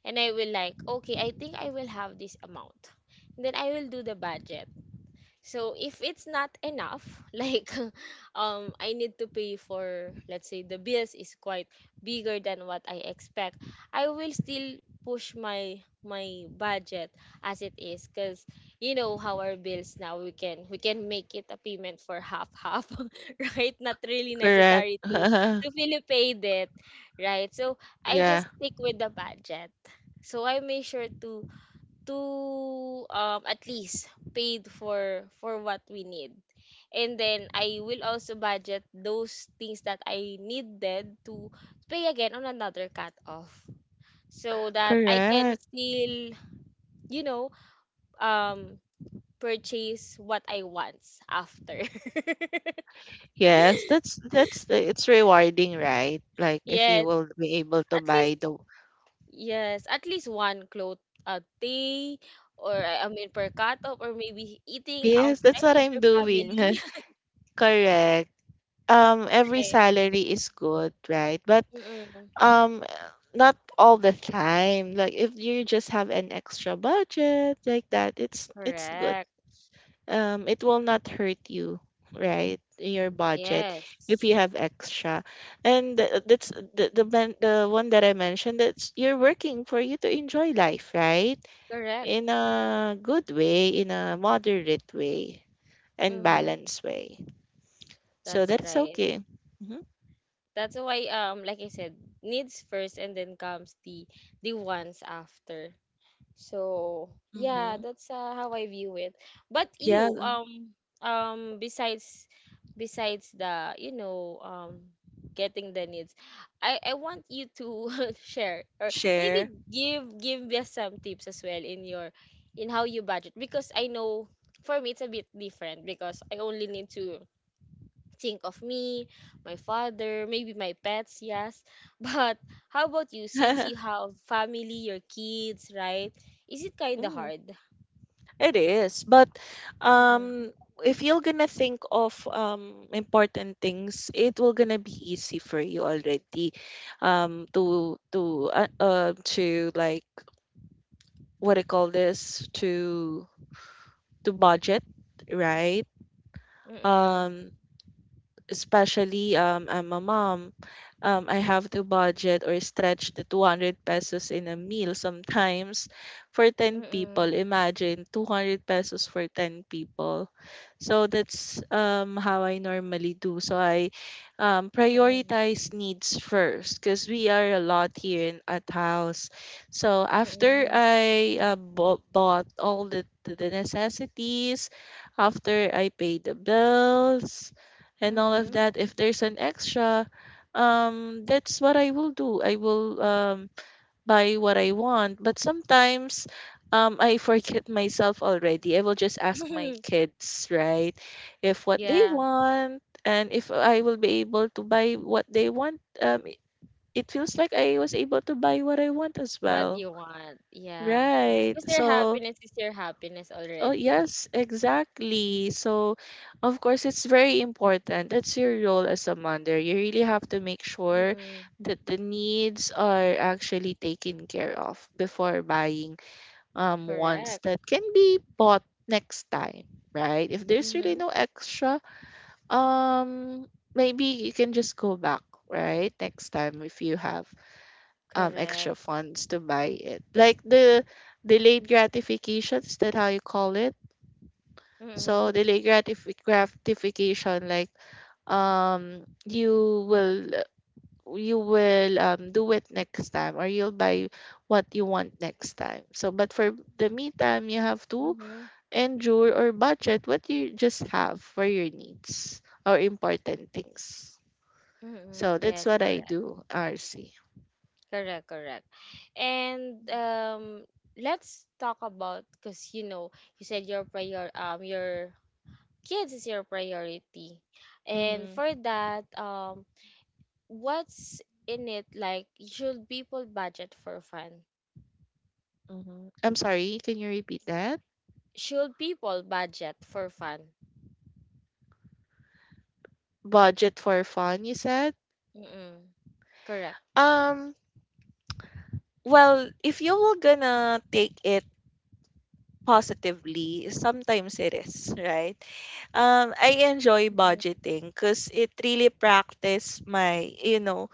S1: and I will like, okay, I think I will have this amount, then I will do the budget. So if it's not enough, like um I need to pay for, let's say, the bills is quite bigger than what I expect, I will still push my my budget as it is, because you know how our bills now, we can we can make it a payment for half half, right, not really
S2: Correct.
S1: necessary to to really pay it, right? So I
S2: Yeah.
S1: just stick with the budget. So I make sure to to um at least paid for for what we need, and then I will also budget those things that I needed to pay again on another cut off, so that I can
S2: Correct.
S1: still, you know, um purchase what I want after.
S2: Yes, that's that's it's rewarding, right? Like if you
S1: Yes,
S2: will be able to
S1: at least,
S2: buy the,
S1: yes, at least one cloth a day, or I mean per cut off, or maybe eating
S2: yes, that's
S1: outside
S2: what
S1: with
S2: I'm
S1: your family.
S2: doing. Correct. Um, every salary is good, right? But
S1: Mm-mm.
S2: um, not all the time. Like if you just have an extra budget like that, it's it's good.
S1: Correct.
S2: Um, it will not hurt you, right, your budget, if
S1: Yes.
S2: you have extra. And th- that's the the, ben- the one that I mentioned, that's you're working for you to enjoy life, right,
S1: Correct.
S2: in a good way, in a moderate way and
S1: Mm-hmm.
S2: balanced way. So
S1: That's
S2: that's
S1: right.
S2: okay. Mm-hmm.
S1: That's why um like I said, needs first and then comes the the wants after. So yeah,
S2: Mm-hmm.
S1: that's uh, how I view it. But
S2: Yeah.
S1: you, um, um, besides, besides the, you know, um, getting the needs, I I want you to share or maybe
S2: Share.
S1: give give me some tips as well in your, in how you budget because I know for me it's a bit different because I only need to think of me, my father, maybe my pets, yes. But how about you since
S2: Mm.
S1: you have family, your kids, right? Is it kind of hard?
S2: It is, but
S1: Mm-mm,
S2: um, if you're gonna think of um, important things, it will gonna be easy for you already, um, to to uh, uh to like what I call this, to to budget, right?
S1: mm-mm,
S2: Um, especially um, I'm a mom, um, I have to budget or stretch the two hundred pesos in a meal sometimes for ten
S1: mm-mm,
S2: people. Imagine two hundred pesos for ten people. So that's um, how I normally do. So I um,
S1: mm-mm,
S2: prioritize needs first because we are a lot here in, at house. So after
S1: mm-mm,
S2: I uh, bought, bought all the, the necessities, after I pay the bills, and all of
S1: mm-hmm.
S2: that, if there's an extra, um that's what I will do. I will um buy what I want. But sometimes um I forget myself already. I will just ask my kids, right, if what they
S1: Yeah,
S2: want, and if I will be able to buy what they want, um it feels like I was able to buy what I want as
S1: what
S2: well,
S1: you want. Yeah.
S2: right?
S1: Because their
S2: So.
S1: happiness is your happiness
S2: Oh,
S1: already.
S2: yes, exactly. So, of course, it's very important. That's your role as a mother. You really have to make sure
S1: Mm-mm,
S2: that the needs are actually taken care of before buying um ones
S1: correct.
S2: that can be bought next time, right? If there's really
S1: Mm-hmm,
S2: no extra, um, maybe you can just go back, right? Next time if you have um
S1: correct.
S2: extra funds to buy it. Like the delayed gratification, is that how you call it?
S1: Mm-hmm,
S2: So delayed gratif- gratification, like um, you will you will um, do it next time, or you'll buy what you want next time. So, but for the meantime, you have to
S1: mm-hmm,
S2: endure or budget what you just have for your needs or important things.
S1: mm-hmm.
S2: So that's
S1: Yes,
S2: what I
S1: correct.
S2: do, R C.
S1: Correct, correct. And um, let's talk about because you know you said your prior um your kids is your priority, and for
S2: Mm-hmm,
S1: that um, what's in it like? Should people budget for fun?
S2: mm-hmm. I'm sorry, can you repeat that?
S1: Should people budget for fun?
S2: Budget for fun, you said?
S1: Mm-mm. Correct.
S2: Um, well, if you were gonna take it positively, sometimes it is, right? Um, I enjoy
S1: Mm.
S2: budgeting because it really practice my, you know,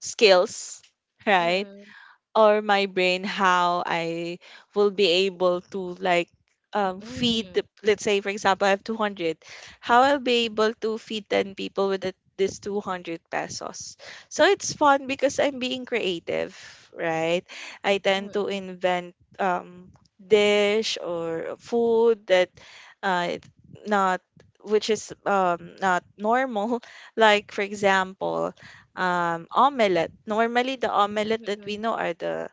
S2: skills, right?
S1: Mm-mm.
S2: Or my brain, how I will be able to like um, feed,
S1: Mm-mm.
S2: the- let's say, for example, I have two hundred, how I'll be able to feed ten people with that- this two hundred pesos. So it's fun because I'm being creative, right? I tend to
S1: Mm-mm.
S2: invent um, dish or food that uh, it- not which is um, not normal. Like for example, um, omelette. Normally, the omelette that we
S1: Mm-mm.
S2: know are the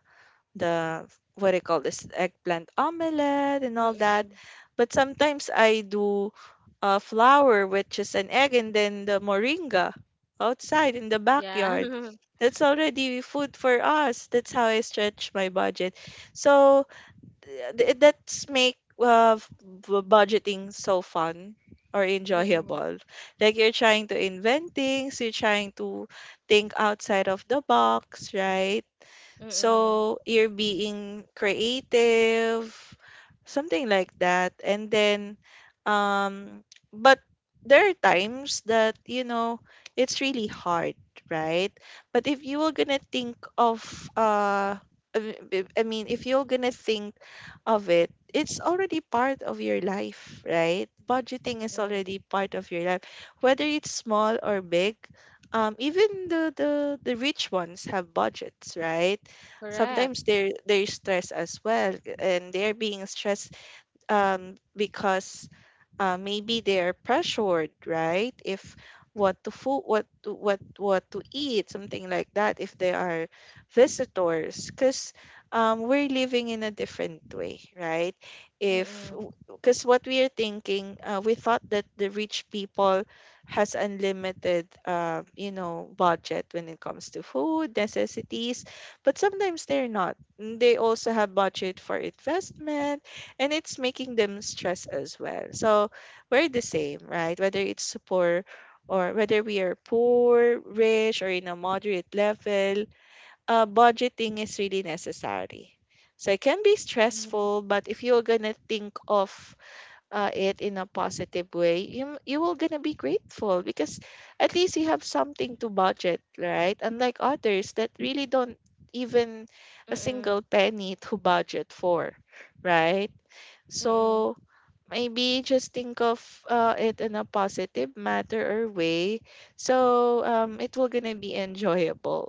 S2: the what do you call this eggplant omelette and all that.
S1: Mm-mm.
S2: But sometimes I do uh, flour, which is an egg, and then the moringa outside in the
S1: Yeah.
S2: backyard. That's already food for us. That's how I stretch my budget. So th- that's make uh, f- budgeting so fun or
S1: Mm-mm.
S2: enjoyable. Like you're trying to invent things, you're trying to think outside of the box, right?
S1: Mm-mm.
S2: So you're being creative, something like that. And then, um, but there are times that, you know, it's really hard, right? But if you were gonna think of, uh, I mean, I mean, if you're gonna think of it, it's already part of your life, right? Budgeting is
S1: Mm-mm.
S2: already part of your life, whether it's small or big. Um, even the, the the rich ones have budgets, right?
S1: Correct.
S2: Sometimes they're they're stressed as well, and they're being stressed um because uh, maybe they're pressured, right? If what to food, what to, what what to eat, something like that. If they are visitors, because um, we're living in a different way, right? If
S1: Mm-mm.
S2: because what we are thinking, uh, we thought that the rich people has unlimited, uh, you know, budget when it comes to food necessities, but sometimes they're not. Mm, They also have budget for investment, and it's making them stress as well. So we're the same, right? Whether it's poor or whether we are poor, rich, or in a moderate level, uh, budgeting is really necessary. So it can be
S1: Mm-hmm.
S2: stressful, but if you're gonna think of uh, it in a positive way, you you will gonna be grateful because at least you have something to budget, right? Unlike others that really don't even a
S1: Mm-mm.
S2: single penny to budget for, right?
S1: Mm-mm.
S2: So maybe just think of uh, it in a positive matter or way so um it will gonna be enjoyable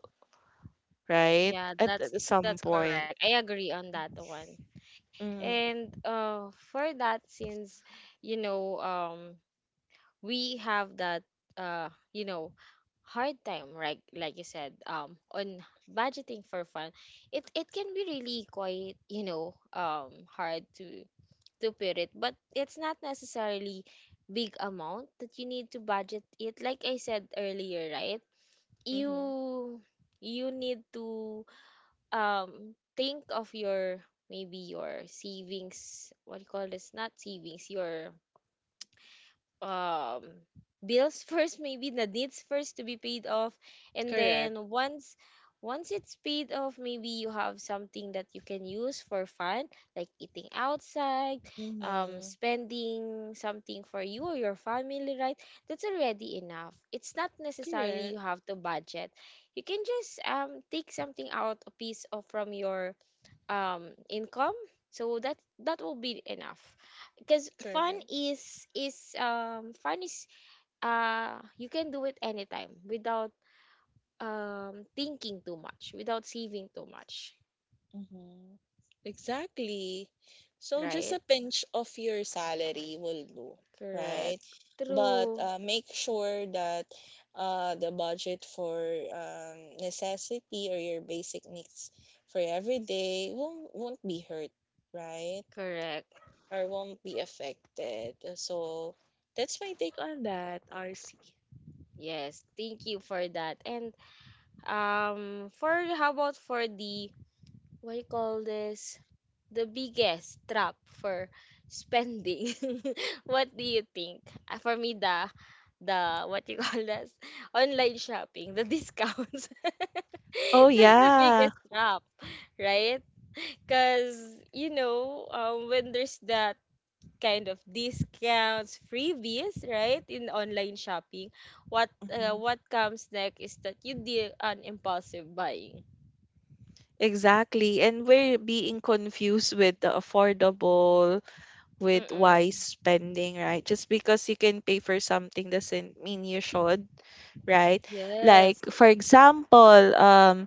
S2: right
S1: Yeah,
S2: at,
S1: that's
S2: at
S1: that's
S2: some
S1: correct. I
S2: point
S1: agree on that one. And
S2: mm-hmm.
S1: uh for that since you know um we have that uh you know hard time, right? Like you said, um on budgeting for fun, it it can be really, quite, you know, um hard to to put it, but it's not necessarily big amount that you need to budget it, like I said earlier, right?
S2: Mm-hmm.
S1: you you need to um think of your maybe your savings, what do you call this, not savings, your um bills first, maybe the needs first to be paid off, and
S2: Correct.
S1: then once once it's paid off, maybe you have something that you can use for fun, like eating outside, um
S2: Mm-hmm.
S1: spending something for you or your family, right? That's already enough. It's not necessarily you
S2: Correct.
S1: have to budget, you can just um take something out, a piece of from your um income, so that that will be enough, because fun
S2: Correct.
S1: is is um fun is uh you can do it anytime without um thinking too much, without saving too much,
S2: Mhm. Exactly. So just
S1: right?
S2: a pinch of your salary will do, right?
S1: Correct.
S2: But
S1: True.
S2: uh, make sure that uh, the budget for um, necessity or your basic needs for every day won't, won't be hurt, right?
S1: Correct.
S2: Or won't be affected. So that's my take on that, R C.
S1: Yes, thank you for that. And um for how about for the what you call this, the biggest trap for spending? What do you think? Uh, For me, the the what you call this online shopping, the discounts.
S2: Oh
S1: That's the
S2: yeah.
S1: biggest trap, right? Because you know, um, when there's that kind of discounts, freebies, right, in online shopping, what uh,
S2: Mhm.
S1: what comes next is that you do an impulsive buying.
S2: Exactly. And we're being confused with the affordable, with wise
S1: Mm-mm.
S2: spending, right? Just because you can pay for something doesn't mean you should, right?
S1: Yes.
S2: Like, for example, um.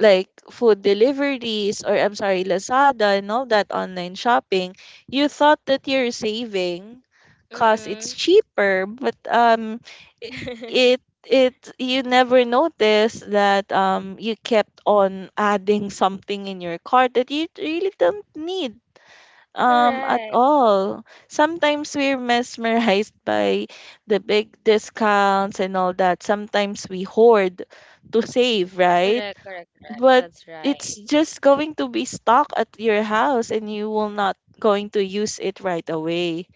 S2: like food deliveries, or I'm sorry, Lazada and all that online shopping, you thought that you're saving because it's
S1: Mm-mm.
S2: cheaper, but um, i- it it you never notice that um you kept on adding something in your cart that you really don't need um at
S1: Correct,
S2: all. Sometimes we're mesmerized by the big discounts and all that. Sometimes we hoard to save,
S1: correct,
S2: right?
S1: correct, correct.
S2: But
S1: That's right.
S2: it's just going to be stuck at your house and you will not going to use it right away,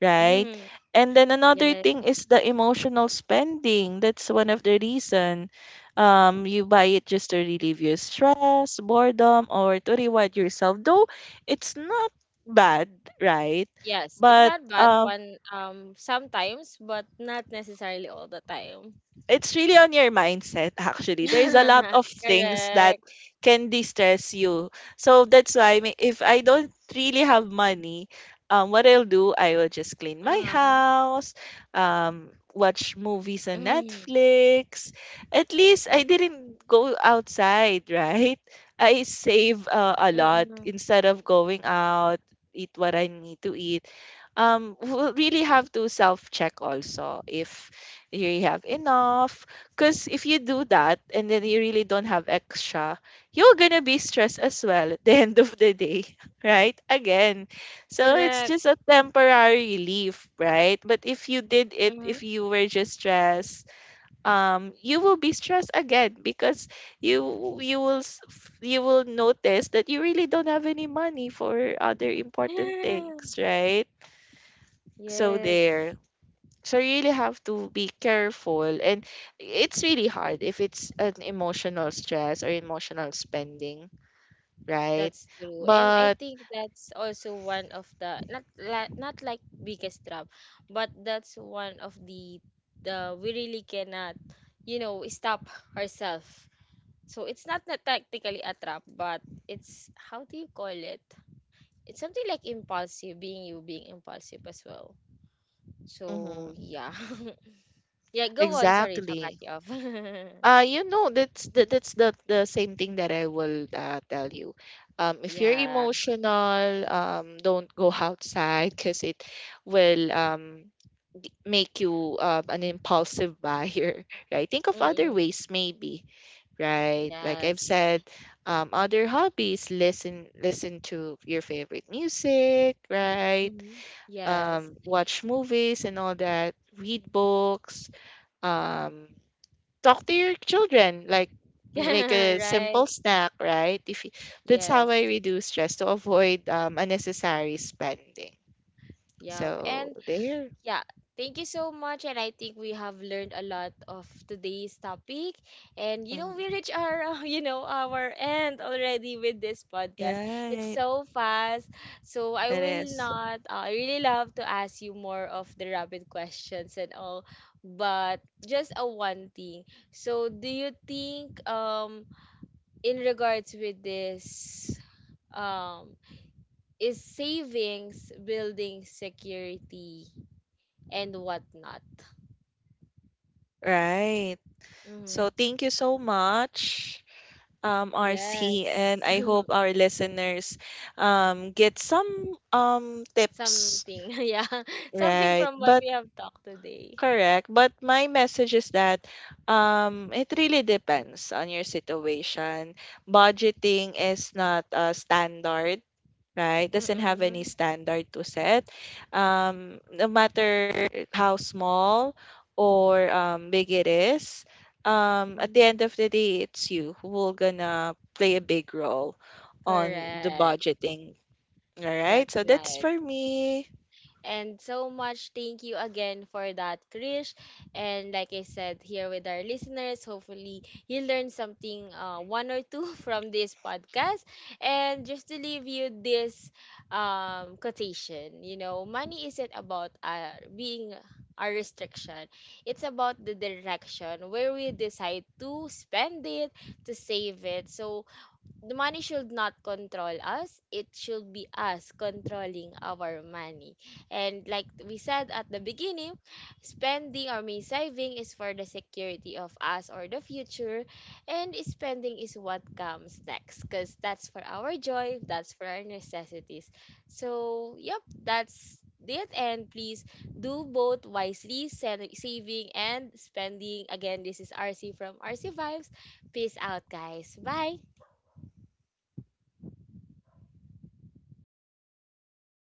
S2: right?
S1: Hmm.
S2: And then another
S1: Yes,
S2: thing is the emotional spending. That's one of the reason um you buy it just to relieve your stress, boredom, or to reward yourself, though it's not bad, right?
S1: yes. It's
S2: But
S1: not bad
S2: um.
S1: one um sometimes, but not necessarily all the time.
S2: it's really on your mindset. Actually, there's a lot of things that
S1: Correct.
S2: can distress you. So that's why may- if I don't really have money, um, what I'll do, I will just
S1: Uh-huh.
S2: clean my house, um, watch
S1: Mm-hmm.
S2: movies on Netflix. At least I didn't go outside, right? I save uh, a lot instead of going out. Eat what I need to eat. Um we'll really have to self check also if you have enough. Because if you do that and then you really don't have extra, you're gonna be stressed as well at the end of the day, right? Again, so
S1: Correct.
S2: it's just a temporary relief, right? But if you did
S1: Mm-hmm.
S2: it, if you were just stressed, um, you will be stressed again because you you will s- f- you will notice that you really don't have any money for other important things, right? So
S1: Yes.
S2: there. So you really have to be careful, and it's really hard if it's an emotional stress or emotional spending, right?
S1: That's true. And I
S2: But
S1: think that's also one of the not la- not like biggest trap, but that's one of the uh, we really cannot, you know, stop ourselves. So it's not not technically a trap, but it's, how do you call it? It's something like impulsive, being you being impulsive as well. So
S2: mhm,
S1: yeah. Yeah, go on. Sorry to cut
S2: exactly.
S1: you off.
S2: Uh, you know, that's the, that's the the same thing that I will uh, tell you. Um, if you're
S1: Yeah.
S2: emotional, um, don't go outside because it will um, make you um an impulsive buyer, right? Think of other
S1: Mm-mm.
S2: ways, maybe, right? Like I've
S1: Yes.
S2: said, um, other hobbies, listen listen to your favorite music, right?
S1: Hmm. Yes.
S2: Um, watch movies and all that, read books, um talk to your children, like make
S1: Yeah,
S2: a
S1: right.
S2: simple snack, right? If you, that's how I
S1: Yes.
S2: reduce stress to avoid um, unnecessary spending.
S1: Yep.
S2: So
S1: And
S2: there.
S1: yeah, thank you so much. And I think we have learned a lot of today's topic. And you know, we
S2: Mm.
S1: reach our uh, you know, our end already with this podcast.
S2: Yeah,
S1: It's
S2: it
S1: so fast. So I will
S2: is.
S1: not. Uh, I really love to ask you more of the rapid questions and all, but just a one thing. So do you think um in regards with this? um is savings, building security, and whatnot.
S2: Right.
S1: Mm-hmm.
S2: So thank you so much, um, R C, and
S1: Yes.
S2: I hope our listeners um get some um tips.
S1: Something. Yeah. Something
S2: Right.
S1: from what
S2: But
S1: we have talked today.
S2: correct. But my message is that um, it really depends on your situation. Budgeting is not a standard, right? Doesn't have any
S1: Mm-mm.
S2: standard to set. Um, no matter how small or um, big it is, um, at
S1: Mm.
S2: the end of the day, it's you who will gonna play a big role on the
S1: Correct.
S2: budgeting. All right.
S1: That's
S2: So that's
S1: right.
S2: for me.
S1: And so much thank you again for that, Krish. And like I said, here with our listeners, hopefully you learned something, uh, one or two from this podcast. And just to leave you this um, quotation, you know, money isn't about uh, being a restriction. It's about the direction where we decide to spend it, to save it. So the money should not control us, it should be us controlling our money. And like we said at the beginning, spending, or me saving, is for the security of us or the future, and spending is what comes next because that's for our joy, that's for our necessities. So yep, that's it. And please do both wisely, sen- saving and spending. Again, this is RC from RC Vibes. Peace out guys, bye.